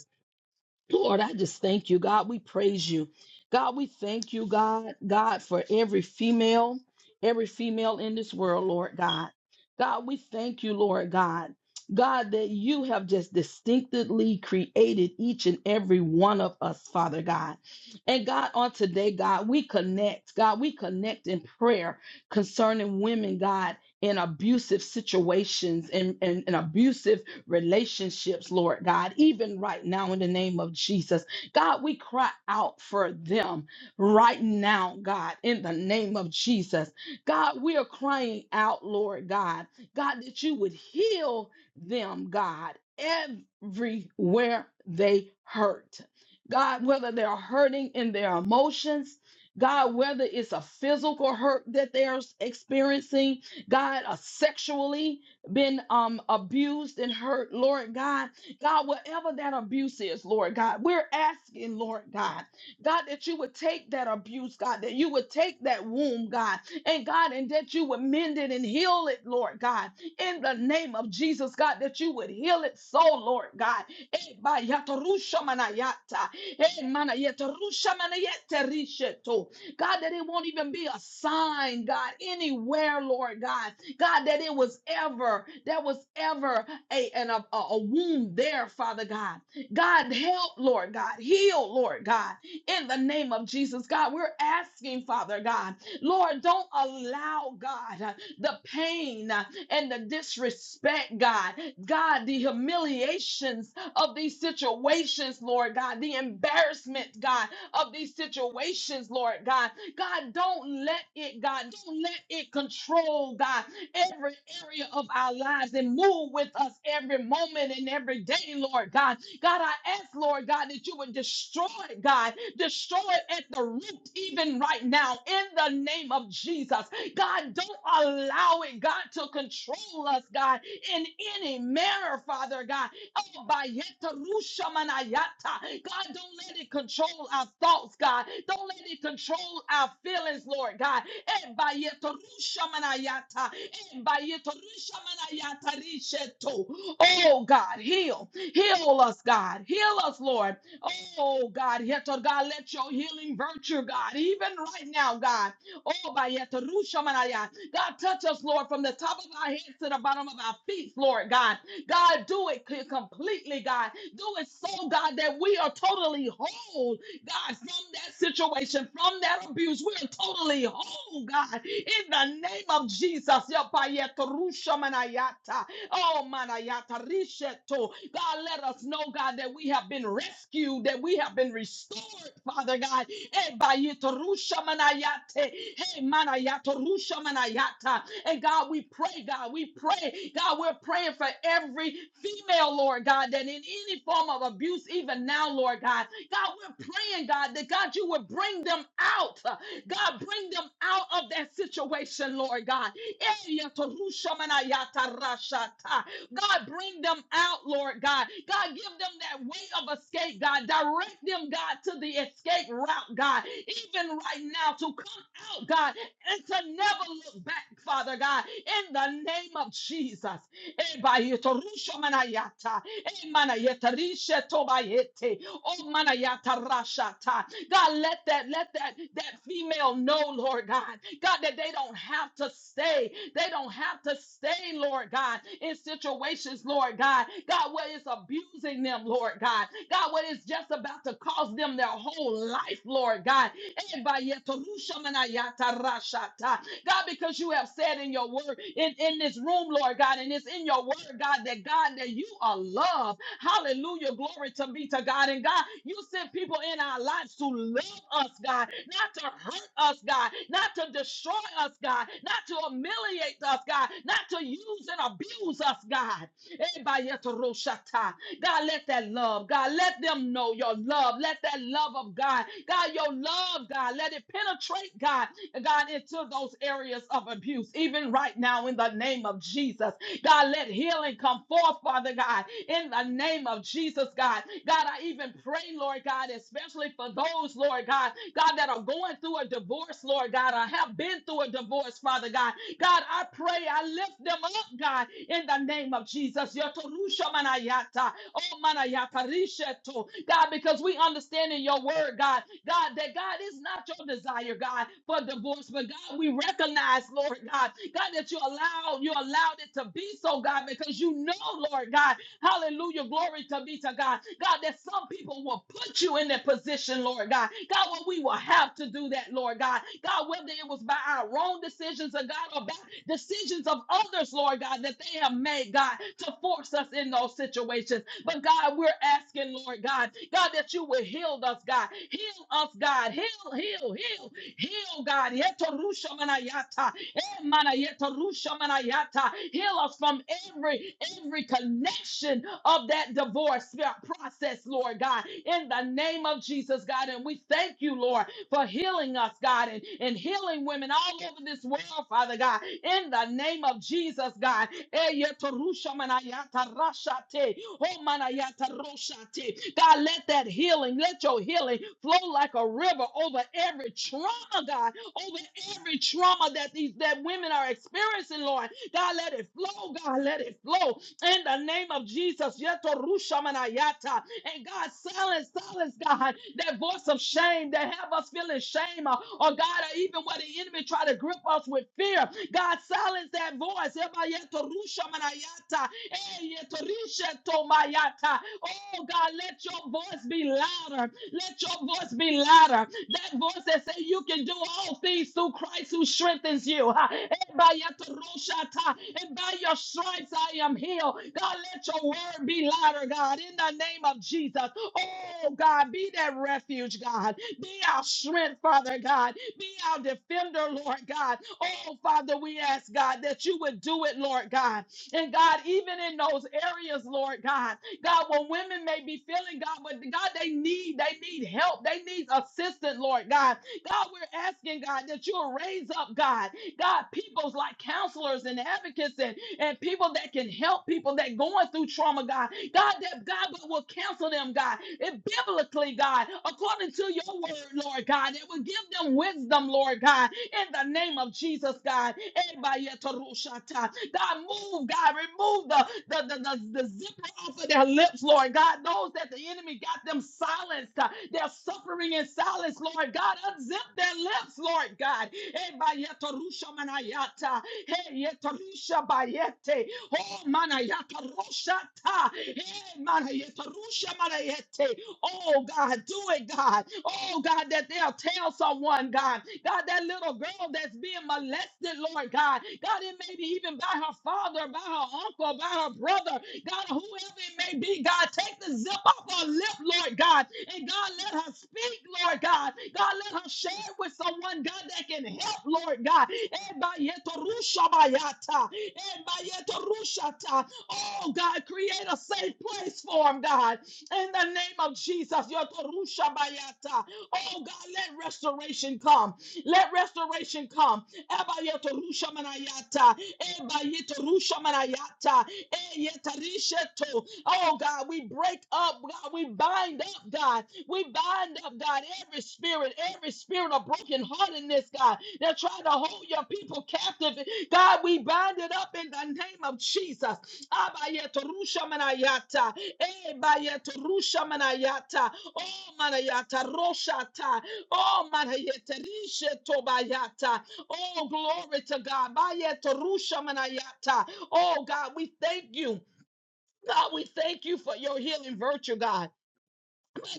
Speaker 1: Lord, I just thank you, God. We praise you. God, we thank you, God, God, for every female, every female in this world, Lord God. God, we thank you, Lord God. God, that you have just distinctively created each and every one of us, Father God. And God, on today, God, we connect. God, we connect in prayer concerning women, God, in abusive situations and, and, and abusive relationships, Lord God, even right now in the name of Jesus. God, we cry out for them right now, God, in the name of Jesus. God, we are crying out, Lord God, God, that you would heal them, God, everywhere they hurt. God, whether they're hurting in their emotions, God, whether it's a physical hurt that they're experiencing, God, uh, sexually been um abused and hurt, Lord God. God, whatever that abuse is, Lord God, we're asking, Lord God, God, that you would take that abuse, God, that you would take that wound, God, and God, and that you would mend it and heal it, Lord God, in the name of Jesus, God, that you would heal it so, Lord God. Eh, ba, ya, to, ru, sha, ma, na, ya, ta. Eh, ma, na, ya, to, ru, sha, ma, na, ya, te, ri, she, to. God, that it won't even be a sign, God, anywhere, Lord God God, that it was ever, that was ever a, an, a, a wound there, Father God. God, help, Lord God, heal, Lord God, in the name of Jesus. God, we're asking, Father God, Lord, don't allow, God, uh, the pain uh, and the disrespect, God, God, the humiliations of these situations, Lord God, the embarrassment, God, of these situations, Lord God. God, don't let it, God, don't let it control, God, every area of our lives and move with us every moment and every day, Lord God. God, I ask, Lord God, that you would destroy it, God, destroy it at the root, even right now, in the name of Jesus. God, don't allow it, God, to control us, God, in any manner, Father God. Oh, bayeta rusha manayata. God, don't let it control our thoughts, God. Don't let it control our feelings, Lord God. Eh, bayeta rusha manayata. Eh, bayeta rusha manayata risheto. Oh, God, heal. Heal us, God. Heal us, Lord. Oh, God, yeto, God, let your healing virtue, God, even right now, God. Oh, bayeta rusha manayata. God, touch us, Lord, from the top of our heads to the bottom of our feet, Lord God. God, do it c- completely, God. Do it so, God, that we are totally whole, God, from that situation, from that abuse. We are totally whole, God. In the name of Jesus. Ya pa ya to ru sha ta. Oh, manayata risheto. God, let us know, God, that we have been rescued, that we have been restored, Father God Eh, bayeto rusha manayate. Hey, manayato rusha manayata. And God, we pray, God, we pray. God, we're praying for every female, Lord God, that in any form of abuse, even now, Lord God, God, we're praying, God, that God, you would bring them out. Uh, God, bring them out of that situation, Lord God. Eh, yato rusha manayata rashata. God, bring them out, Lord God. God, give them that way of escape, God. Direct them, God, to the escape route, God. Even right now, to come out, God, and to never look back, Father God, in the name of Jesus. Ebayetorushomanayata, emanayetarishe tobayete, omanayata God, let that, let that, that female know, Lord God. God, that they don't have to stay. They don't have to stay, Lord God, in situations, Lord God. God, what is abusing them, Lord God. God, what is just about to cause them their whole life, Lord God. God, because you have said in your word, in, in this room, Lord God, and it's in your word, God, that God, that you are love. Hallelujah. Glory to be to God. And God, you sent people in our lives to love us, God, not to hurt us, God, not to destroy us, God, not to humiliate us, God, not to use and abuse us, God. Ebayetoroshata. God, let that love, God, let them know your love. Let that love of God, God, your love, God, let it penetrate, God, God, into those areas of abuse, even right now in the name of Jesus. God, let healing come forth, Father God, in the name of Jesus, God. God, I even pray, Lord God, especially for those, Lord God, God, that are going through a divorce, Lord God, or have been through a divorce, Father God. God, I pray, I lift them up, God, in the name of Jesus. Oh, mana ya parisha God, because we understand in your word, God, God, that God is not your desire, God, for divorce, but God, we recognize, Lord God, God, that you allowed, you allowed it to be so, God, because you know, Lord God, hallelujah, glory to be to God, God, that some people will put you in that position, Lord God, God, when we will have to do that, Lord God, God, whether it was by our own decisions or God, or by decisions of others, Lord God, that they have made, God, to force us in those situations. But God, we're asking, Lord God, God, that you will heal us, God. Heal us, God. Heal, heal, heal, heal, God. Yeto rusha manayata. Eh, mana yeto rusha manayata. Heal us from every every connection of that divorce uh, process, Lord God. In the name of Jesus, God. And we thank you, Lord, for healing us, God, and, and healing women all over this world, Father God. In the name of Jesus, God. Eh, yeto rusha manayata rashate. Oh, manayata roshate. God, let that healing, let your healing flow like a river over every trauma, God, over every trauma that these that women are experiencing, Lord. God, let it flow, God, let it flow in the name of Jesus. Yeto rusha manayata. And God, silence, silence, God, that voice of shame that have us feeling shame, or, or God, or even where the enemy try to grip us with fear. God, silence that voice. Eba yeto rusha manayata. Oh God, let your voice be louder. Let your voice be louder. That voice that says you can do all things through Christ who strengthens you. Ha. And by your terushata, and by your stripes I am healed. God, let your word be louder, God, in the name of Jesus. Oh, God, be that refuge, God. Be our strength, Father God. Be our defender, Lord God. Oh, Father, we ask, God, that you would do it, Lord God. And God, even in those areas, Lord God, God, what women may be feeling, God, but God, they need, they need help. They need assistance, Lord God. God, we're asking, God, that you will raise up, God, God, peoples like counselors and advocates and, and people that can help people that going through trauma, God. God, that God will will counsel them, God, it biblically, God, according to your word, Lord God. It will give them wisdom, Lord God, in the name of Jesus, God. God, move, God, remove the, the, the, the, the zipper off of their lips, Lord God. Those that the enemy got them silenced, uh, they're suffering in silence, Lord God. Unzip their lips, Lord God. Eh, bayeta rusha manayata. Eh, yeta rusha bayete. Oh, manayata rusha ta. Eh, manayeta rusha manayete. Oh, God, do it, God. Oh, God, that they'll tell someone, God. God, that little girl that's being molested, Lord God. God, it may be even by her father, by her uncle, by her brother. God, whoever it may be, God, take the zip off her lip, Lord God. And God, let her speak, Lord God. God, let her share it with someone, God, that can help, Lord God. Ebayetorushabayata. Ebayetorushata. Oh, God, create a safe place for him, God. In the name of Jesus, Yotorusha Bayata. Oh God, let restoration come. Let restoration come. Eba Yotorusha Manayata. Eba Yotorusha Manayata. Eh, Yetarisheto. Oh God, we break up, God. We bind up, God. We bind up, God, every spirit, every spirit of brokenheartedness, God, they're trying to hold your people captive. God, we bind it up in the name of Jesus. Abayeto rusha manayata. Eh, bayeto rusha manayata. Oh manayata roshata. Oh manayete rishe tobayata. Oh glory to God. Bayeto rusha manayata. Oh God, we thank you. God, we thank you for your healing virtue, God.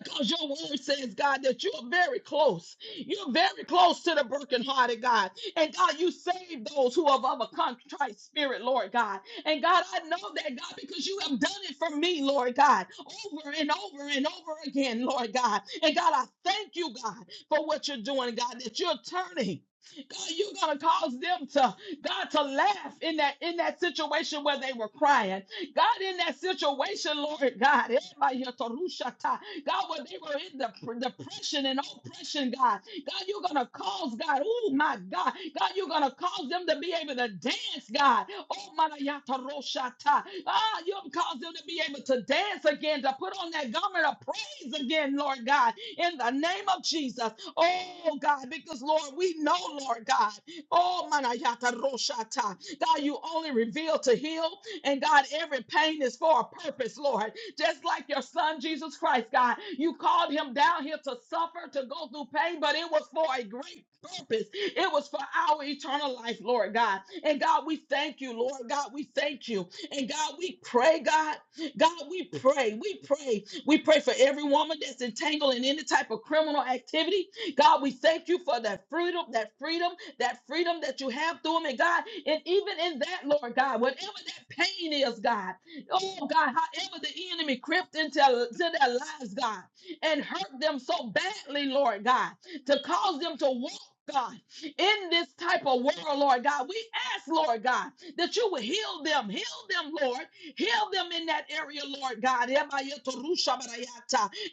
Speaker 1: Because your word says, God, that you're very close. You're very close to the brokenhearted, God. And God, you save those who have of a contrite spirit, Lord God. And God, I know that, God, because you have done it for me, Lord God, over and over and over again, Lord God. And God, I thank you, God, for what you're doing, God, that you're turning. God, you're gonna cause them to God to laugh in that in that situation where they were crying. God, in that situation, Lord God, Emayotorushata. God, when they were in the pr- depression and oppression, God, God, you're gonna cause God, oh my God, God, you're gonna cause them to be able to dance, God. Oh Manayataroshata. Ah, you'll cause them to be able to dance again, to put on that garment of praise again, Lord God, in the name of Jesus. Oh God, because Lord, we know, Lord God, oh manayata roshata, God, you only reveal to heal. And God, every pain is for a purpose, Lord. Just like your son, Jesus Christ, God, you called him down here to suffer, to go through pain, but it was for a great purpose. It was for our eternal life, Lord God. And God, we thank you, Lord God, we thank you. And God, we pray, God, God, we pray, we pray, we pray for every woman that's entangled in any type of criminal activity. God, we thank you for that freedom, that freedom that freedom that you have through him. And God, and even in that, Lord God, whatever that pain is, God, oh God, however the enemy crept into to their lives, God, and hurt them so badly, Lord God, to cause them to walk. God, in this type of world, Lord God, we ask, Lord God, that you would heal them, heal them, Lord, Heal them in that area, Lord God.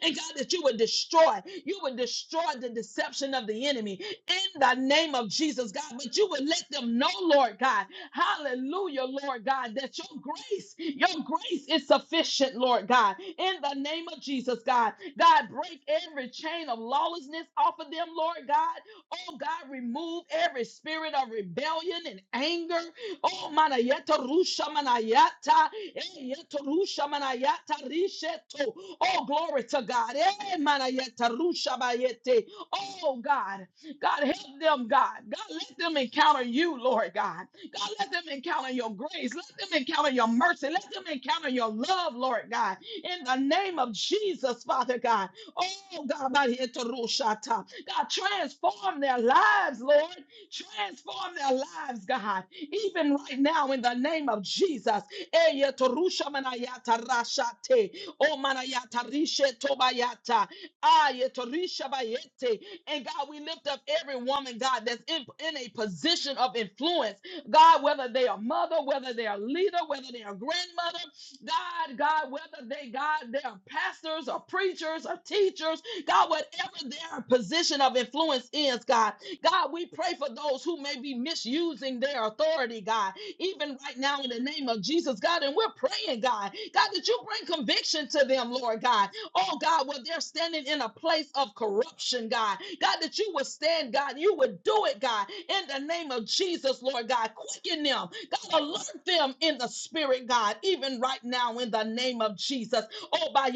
Speaker 1: And God, that you would destroy, you would destroy the deception of the enemy in the name of Jesus, God. But you would let them know, Lord God, hallelujah, Lord God, that your grace, your grace is sufficient, Lord God, in the name of Jesus, God. God, break every chain of lawlessness off of them, Lord God. Oh, God, remove every spirit of rebellion and anger Oh, manayeta rusha manayata. Eh, yeto rusha manayata risheto. Oh, glory to God. Eh, manayeta rusha bayete. Oh, God. God, help them, God. God, let them encounter you, Lord God. God, let them encounter your grace. Let them encounter your mercy. Let them encounter your love, Lord God. In the name of Jesus, Father God. Oh, God, manayeta rusha God, transform their lives, Lord. Transform their lives, God even right now in the name of Jesus. Eya torusha manayata rashate. O manayata rishe tobayata. Aye torisha bayete. And God, we lift up every woman, God, that's in, in a position of influence. God, whether they are mother, whether they are leader, whether they are grandmother, God, God, whether they, God, they are pastors or preachers or teachers, God, whatever their position of influence is, God, God, we pray for those who may be misusing their authority, God, even right now in the name of Jesus, God. And we're praying, God, God, that you bring conviction to them, Lord God. Oh, God, where they're standing in a place of corruption, God. God, that you would stand, God, you would do it, God, in the name of Jesus, Lord God. Quicken them, God, alert them in the spirit, God, even right now in the name of Jesus. Oh, by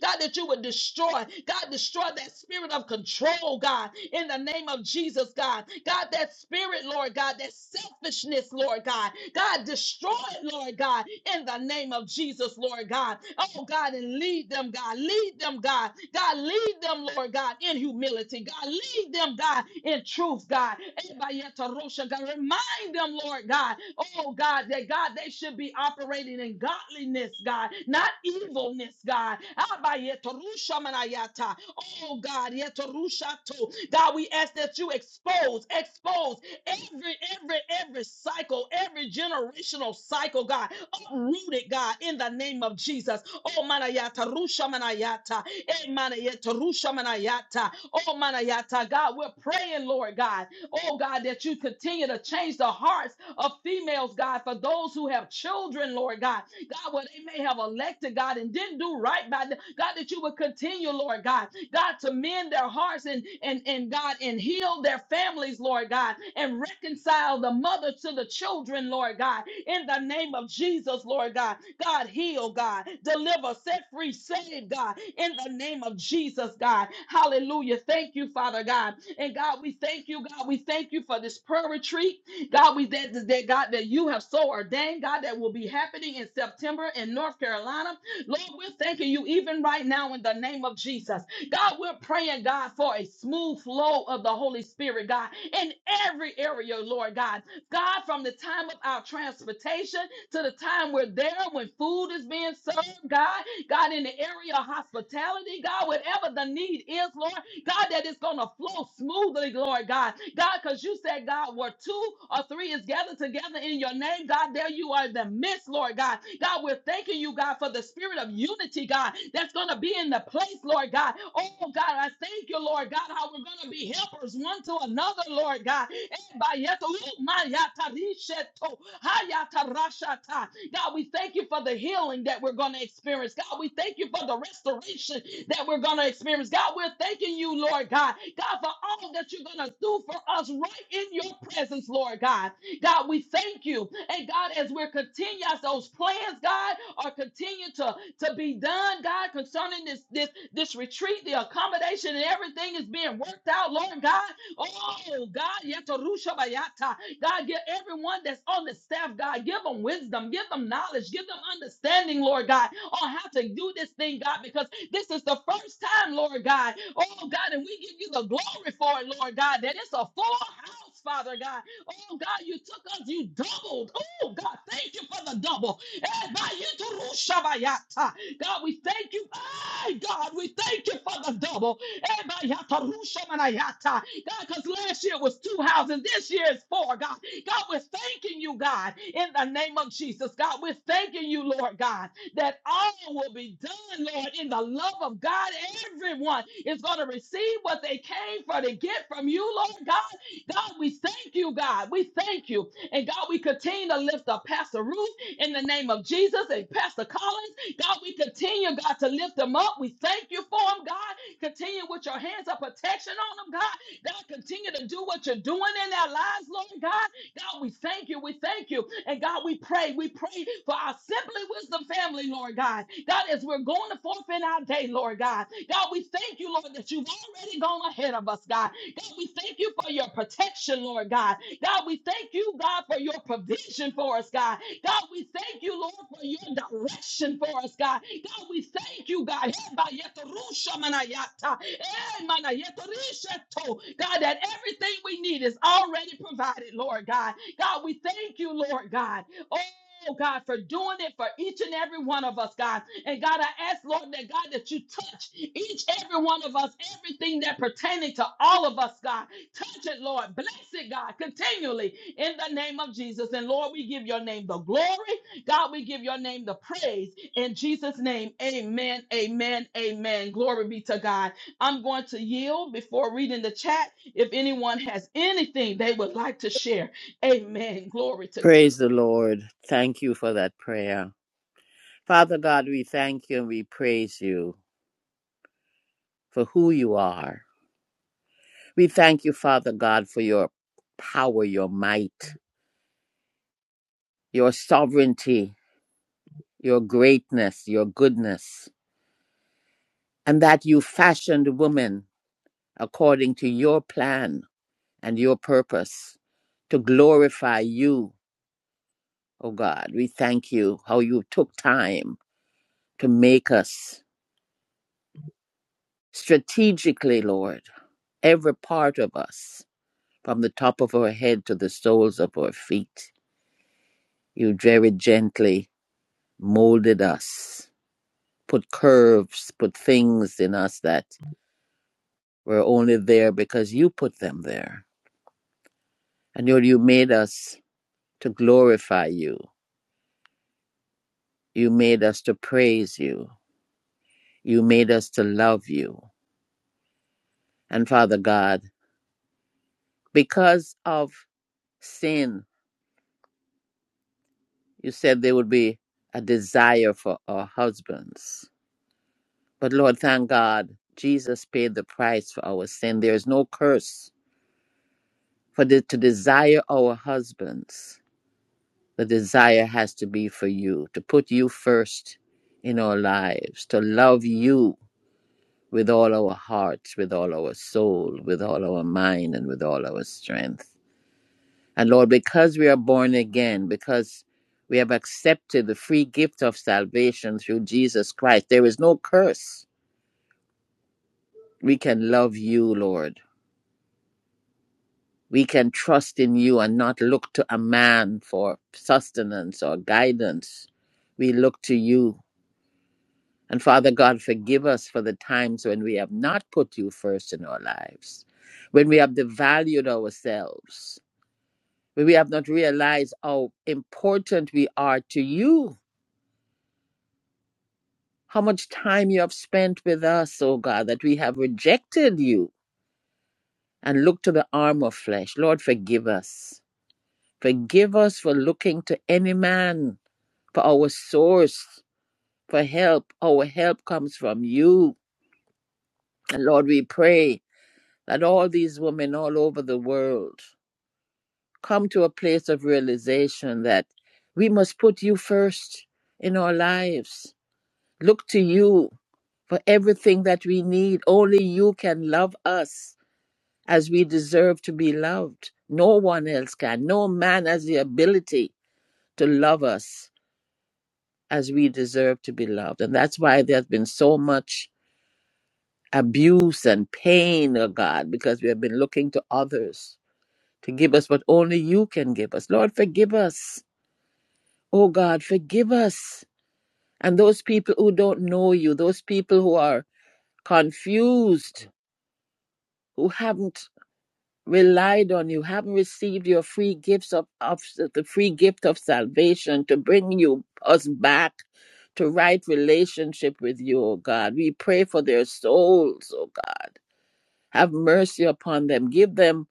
Speaker 1: God, that you would destroy, God, destroy that spirit of control, God, in the name of Jesus, God. God, that spirit, Lord God, that selfishness, Lord God. God, destroy it, Lord God, in the name of Jesus, Lord God. Oh, God, and lead them, God. Lead them, God. God, lead them, Lord God, in humility. God, lead them, God, in truth, God. Remind Remind them, Lord God, oh God, that God, they should be operating in godliness, God, not evilness, God. Abayetorushamanayata. Oh God, yetorushato. God, we ask that you expose, expose every, every, every cycle, every generational cycle, God, uprooted, God, in the name of Jesus. Oh, manayata, rusha manayata, eh, manayata, rusha manayata. Oh, manayata, God, we're praying, Lord God. Oh God, that you continue to change the hearts of females, God, for those who have children, Lord God, God, where they may have elected, God, and didn't do right by them. God, that you would continue, Lord God, God, to mend their hearts and, and, and God, and heal their families, Lord God, and reconcile the mother to the children, Lord God, in the name of Jesus, Lord God. God, heal, God, deliver, set free, save, God, in the name of Jesus, God. Hallelujah. Thank you, Father God. And God, we thank you, God. We thank you for this prayer retreat. God, we that that God that you have so ordained, God, that will be happening in September in North Carolina. Lord, we're thanking you even right now in the name of Jesus. God, we're praying, God, for a smooth flow of the Holy Spirit, God, in every area, Lord God. God, from the time of our transportation to the time we're there when food is being served, God, God, in the area of hospitality, God, whatever the need is, Lord, God, that it's going to flow smoothly, Lord God. God, because you said, God, where two or three is gathered together in your name, God, there you are in the midst, Lord God. God, we're thanking you, God, for the spirit of unity, God, that's going to be in the place, Lord God. Oh, God, I thank you, Lord God, how we're going to be helpers one to another another, Lord God. Ebayeto, umayata, risheto, hayata, rashata. God, we thank you for the healing that we're going to experience. God, we thank you for the restoration that we're going to experience. God, we're thanking you, Lord God. God, for all that you're going to do for us right in your presence, Lord God. God, we thank you. And God, as we're continuing as those plans, God, are continuing to, to be done, God, concerning this, this, this retreat, the accommodation and everything is being worked out, Lord God. Oh, God, Yetarusha Bayata. God, give everyone that's on the staff, God, give them wisdom, give them knowledge, give them understanding, Lord God, on how to do this thing, God, because this is the first time, Lord God. Oh, God, and we give you the glory for it, Lord God, that it's a full house, Father God. Oh, God, you took us, you doubled. Oh, God, thank you for the double. Eh, Bayetarusha Bayata. God, we thank you. My God, we thank you for the double. God, because last year was two houses, this year is four, God. God, we're thanking you, God, in the name of Jesus. God, we're thanking you, Lord God, that all will be done, Lord, in the love of God. Everyone is going to receive what they came for to get from you, Lord God. God, we thank you, God. We thank you. And God, we continue to lift up Pastor Ruth in the name of Jesus and Pastor Collins. God, we continue, God, to lift them up. We thank you for them, God. Continue with your hands of protection on them, God. God, continue to do what you're doing in their lives, Lord God. God, we thank you. We thank you. And God, we pray. We pray for our Simply Wisdom family, Lord God. God, as we're going forth in our day, Lord God. God, we thank you, Lord, that you've already gone ahead of us, God. God, we thank you for your protection, Lord God. God, we thank you, God, for your your provision for us, God. God, we thank you, Lord, for your direction for us, God. God, we thank you, God. Hebayetorushamanayata, emanayetorisheto. God, that everything we need is already provided, Lord God. God, we thank you, Lord God. Oh, Oh, God, for doing it for each and every one of us, God. And God, I ask, Lord, that God, that you touch each every one of us, everything that pertaining to all of us, God. Touch it, Lord. Bless it, God, continually in the name of Jesus. And Lord, we give your name the glory. God, we give your name the praise. In Jesus' name, amen, amen, amen. Glory be to God. I'm going to yield before reading the chat. If anyone has anything they would like to share, amen. Glory to God.
Speaker 5: Praise the Lord. Thank you for that prayer. Father God, we thank you and we praise you for who you are. We thank you, Father God, for your power, your might, your sovereignty, your greatness, your goodness, and that you fashioned woman according to your plan and your purpose to glorify you Oh God, we thank you how you took time to make us strategically, Lord, every part of us, from the top of our head to the soles of our feet. You very gently molded us, put curves, put things in us that were only there because you put them there. And Lord, you made us to glorify you. You made us to praise you. You made us to love you. And Father God, because of sin, you said there would be a desire for our husbands. But Lord, thank God, Jesus paid the price for our sin. There is no curse for the, to desire our husbands. The desire has to be for you, to put you first in our lives, to love you with all our hearts, with all our soul, with all our mind, and with all our strength. And Lord, because we are born again, because we have accepted the free gift of salvation through Jesus Christ, there is no curse. We can love you, Lord. We can trust in you and not look to a man for sustenance or guidance. We look to you. And Father God, forgive us for the times when we have not put you first in our lives, when we have devalued ourselves, when we have not realized how important we are to you how much time you have spent with us, O God, that we have rejected you and looked to the arm of flesh. Lord, forgive us. Forgive us for looking to any man for our source, for help. Our help comes from you. And Lord, we pray that all these women all over the world come to a place of realization that we must put you first in our lives. Look to you for everything that we need. Only you can love us. as we deserve to be loved. No one else can. No man has the ability to love us as we deserve to be loved. And that's why there's been so much abuse and pain, oh God, because we have been looking to others to give us what only you can give us. Lord, forgive us. Oh God, forgive us. And those people who don't know you, those people who are confused, who haven't relied on you, haven't received your free gifts of, of the free gift of salvation to bring you us back to right relationship with you, O God. We pray for their souls, O God. Have mercy upon them. Give them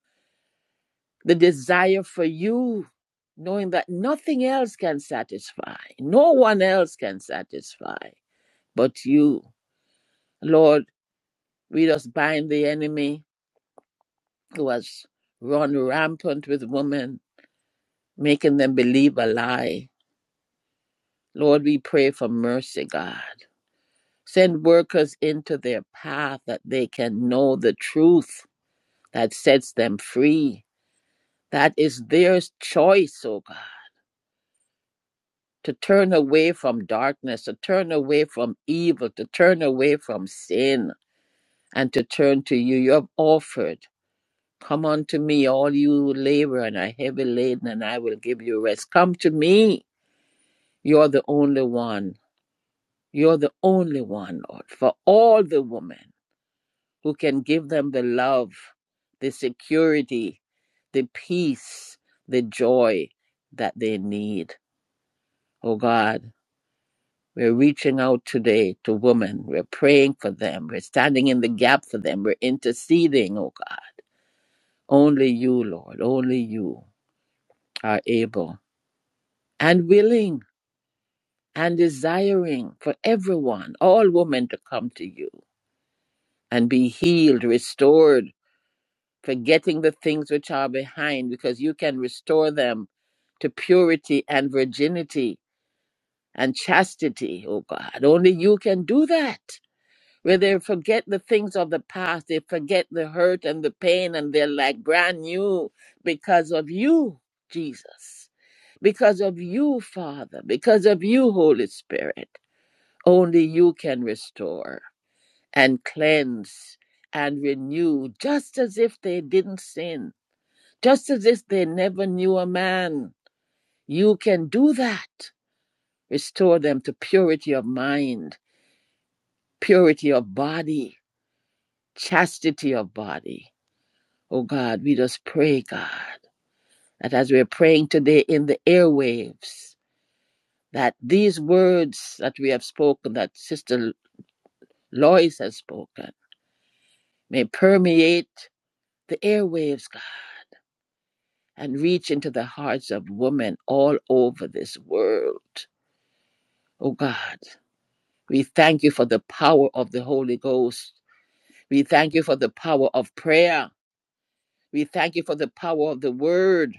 Speaker 5: the desire for you, knowing that nothing else can satisfy. No one else can satisfy but you. Lord, we just bind the enemy who has run rampant with women making them believe a lie. Lord, we pray for mercy, God. Send workers into their path that they can know the truth that sets them free. That is their choice, oh God, to turn away from darkness, to turn away from evil, to turn away from sin, and to turn to you. You have offered. Come unto me, all you who labor and are heavy laden, and I will give you rest. Come to me. You're the only one You're the only one, Lord, for all the women who can give them the love, the security, the peace, the joy that they need. Oh God, we're reaching out today to women. We're praying for them. We're standing in the gap for them. We're interceding, oh God. Only you, Lord, only you are able and willing and desiring for everyone, all women to come to you and be healed, restored forgetting the things which are behind, because you can restore them to purity and virginity and chastity, oh God. Only you can do that. Where they forget the things of the past, they forget the hurt and the pain, and they're like brand new because of you, Jesus. Because of you, Father. Because of you, Holy Spirit. Only you can restore and cleanse and renew, just as if they didn't sin just as if they never knew a man. You can do that. Restore them to purity of mind, purity of body, chastity of body. Oh God, we just pray, God, that as we're praying today in the airwaves, that these words that we have spoken, that Sister Lois has spoken, may permeate the airwaves, God, and reach into the hearts of women all over this world. Oh God. We thank you for the power of the Holy Ghost. We thank you for the power of prayer. We thank you for the power of the word.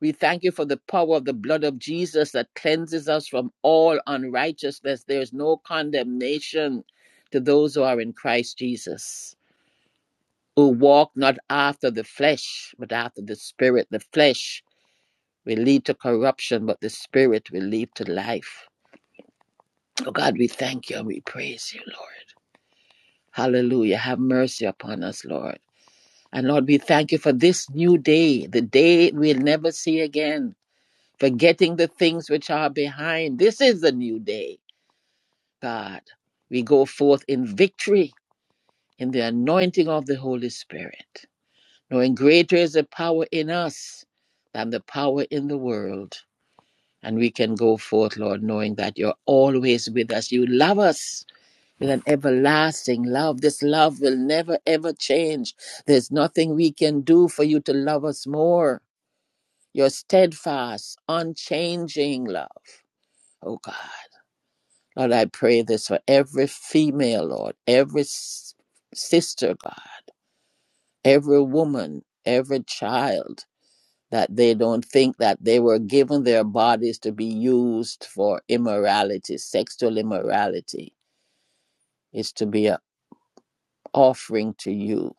Speaker 5: We thank you for the power of the blood of Jesus that cleanses us from all unrighteousness. There is no condemnation to those who are in Christ Jesus, who walk not after the flesh, but after the spirit. The flesh will lead to corruption, but the spirit will lead to life. Oh God, we thank you and we praise you, Lord. Hallelujah. Have mercy upon us, Lord. And Lord, we thank you for this new day, the day we'll never see again, forgetting the things which are behind. This is the new day, God. We go forth in victory in the anointing of the Holy Spirit, knowing greater is the power in us than the power in the world. And we can go forth, Lord, knowing that you're always with us. You love us with an everlasting love. This love will never, ever change. There's nothing we can do for you to love us more. your steadfast, unchanging love. Oh God. Lord, I pray this for every female, Lord, every s- sister, God, every woman, every child, that they don't think that they were given their bodies to be used for immorality, sexual immorality. It's to be an offering to you,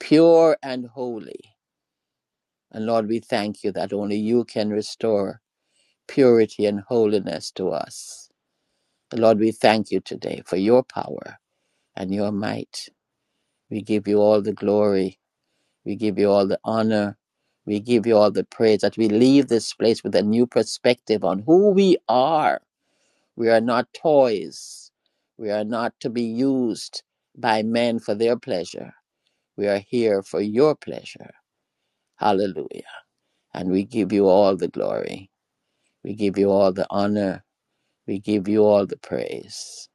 Speaker 5: pure and holy. And Lord, we thank you that only you can restore purity and holiness to us. Lord, we thank you today for your power and your might. We give you all the glory. We give you all the honor. We give you all the praise that we leave this place with a new perspective on who we are. We are not toys. We are not to be used by men for their pleasure. We are here for your pleasure. Hallelujah. And we give you all the glory. We give you all the honor. We give you all the praise.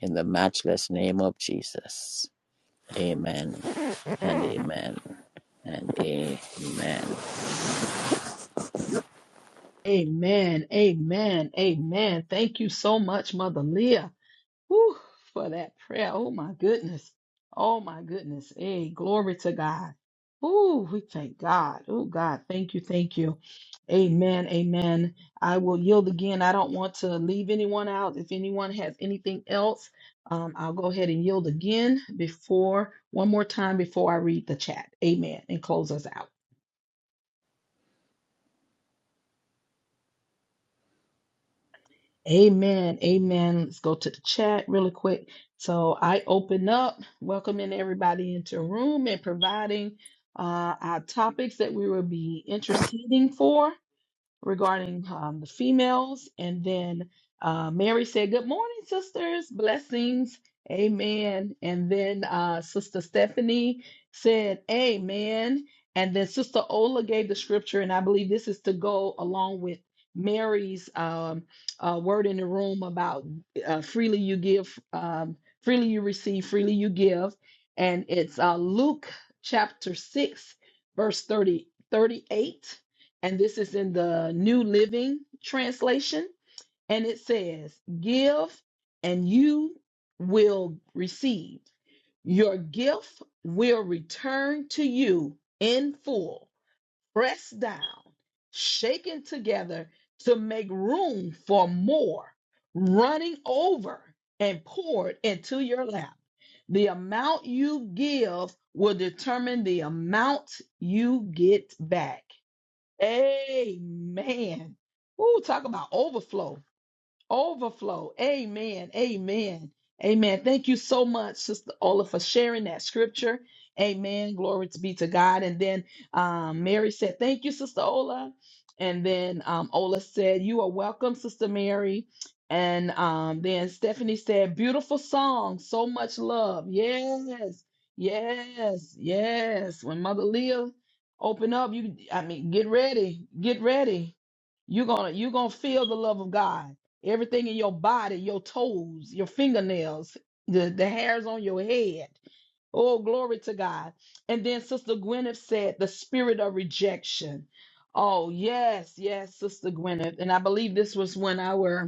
Speaker 5: In the matchless name of Jesus. Amen and amen and amen.
Speaker 1: Amen. Amen. Amen. Thank you so much, Mother Leah. Whew, for that prayer. Oh my goodness. Oh my goodness. Hey, glory to God. Oh, we thank God. Oh God, thank you, thank you. Amen, amen. I will yield again. I don't want to leave anyone out. If anyone has anything else, um, I'll go ahead and yield again before one more time before I read the chat. Amen, and close us out. Amen. Amen. Let's go to the chat really quick. So I open up, welcoming everybody into the room and providing uh, our topics that we will be interceding for regarding um, the females. And then uh, Mary said, Good morning, sisters. Blessings. Amen. And then uh, Sister Stephanie said, Amen. And then Sister Ola gave the scripture. And I believe this is to go along with Mary's um, uh, word in the room about uh, freely you give, um, freely you receive, freely you give. And it's uh, Luke chapter 6, verse 30 38 and this is in the New Living Translation. And it says, Give and you will receive. Your gift will return to you in full, pressed down, shaken together to make room for more, running over and poured into your lap. The amount you give will determine the amount you get back. Amen. Ooh, talk about overflow. Overflow. Amen. Amen. Amen. Thank you so much, Sister Ola, for sharing that scripture. Amen. Glory to be to God. And then um, Mary said, Thank you, Sister Ola. And then um, Ola said, You are welcome, Sister Mary. And um, then Stephanie said, Beautiful song. So much love. Yes. Yes. Yes. When Mother Leah open up, you I mean, get ready. Get ready. You're gonna you're gonna feel the love of God everything in your body, your toes, your fingernails, the, the hairs on your head. Oh, glory to God. And then Sister Gwyneth said, the spirit of rejection. Oh, yes, yes, Sister Gwyneth. And I believe this was when I were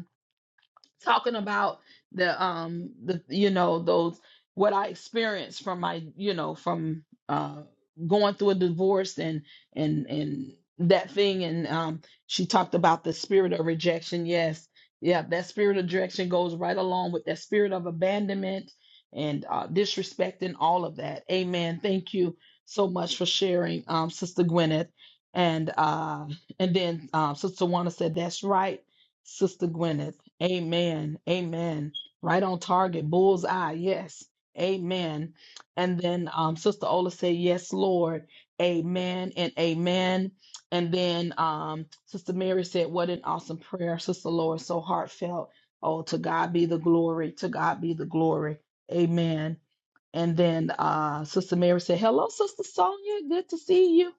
Speaker 1: talking about the um the you know those what I experienced from my you know from uh going through a divorce and and and that thing and um she talked about the spirit of rejection yes yeah that spirit of rejection goes right along with that spirit of abandonment and uh disrespect and all of that amen thank you so much for sharing um sister Gwyneth and uh and then um sister Wanda said that's right sister Gwyneth Amen. Amen. Right on target. Bullseye. Yes. Amen. And then um, Sister Ola said, Yes, Lord. Amen and amen. And then um, Sister Mary said, What an awesome prayer, Sister Lord. So heartfelt. Oh, to God be the glory. To God be the glory. Amen. And then uh, Sister Mary said, Hello, Sister Sonia. Good to see you.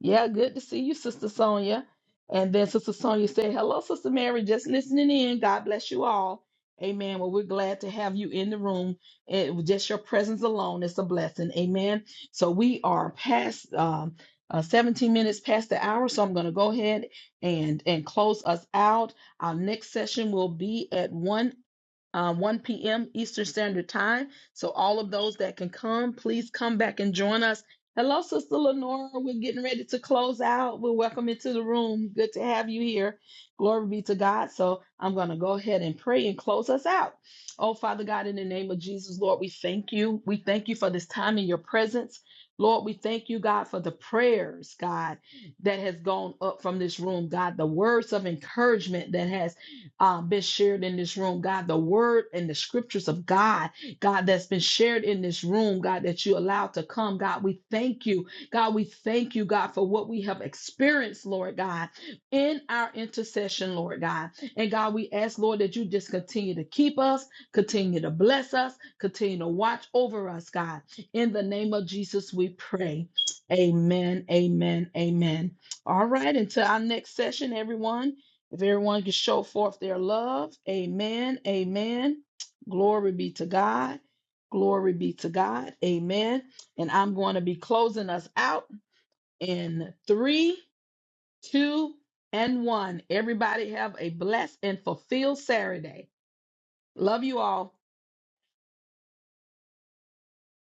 Speaker 1: Yeah, good to see you, Sister Sonia. And then Sister Sonia said, Hello, Sister Mary, just listening in. God bless you all. Amen. Well, we're glad to have you in the room. It, just your presence alone is a blessing. Amen. So we are past um, uh, 17 minutes past the hour. So I'm going to go ahead and, and close us out. Our next session will be at 1 um, 1 p.m. Eastern Standard Time. So, all of those that can come, please come back and join us. Hello, Sister Lenora. We're getting ready to close out. We're welcome into the room. Good to have you here. Glory be to God. So, I'm going to go ahead and pray and close us out. Oh, Father God, in the name of Jesus, Lord, we thank you. We thank you for this time in your presence. Lord, we thank you, God, for the prayers, God, that has gone up from this room, God, the words of encouragement that has um, been shared in this room, God, the word and the scriptures of God, God, that's been shared in this room, God, that you allowed to come. God, we thank you. God, we thank you, God, for what we have experienced, Lord God, in our intercession, Lord God. And God, we ask, Lord, that you just continue to keep us, continue to bless us, continue to watch over us, God. In the name of Jesus, we pray. Amen, amen, amen. All right, until our next session, everyone. If everyone can show forth their love, amen, amen. Glory be to God. Glory be to God. Amen. And I'm going to be closing us out in three, two, and one. Everybody have a blessed and fulfilled Saturday. Love you all.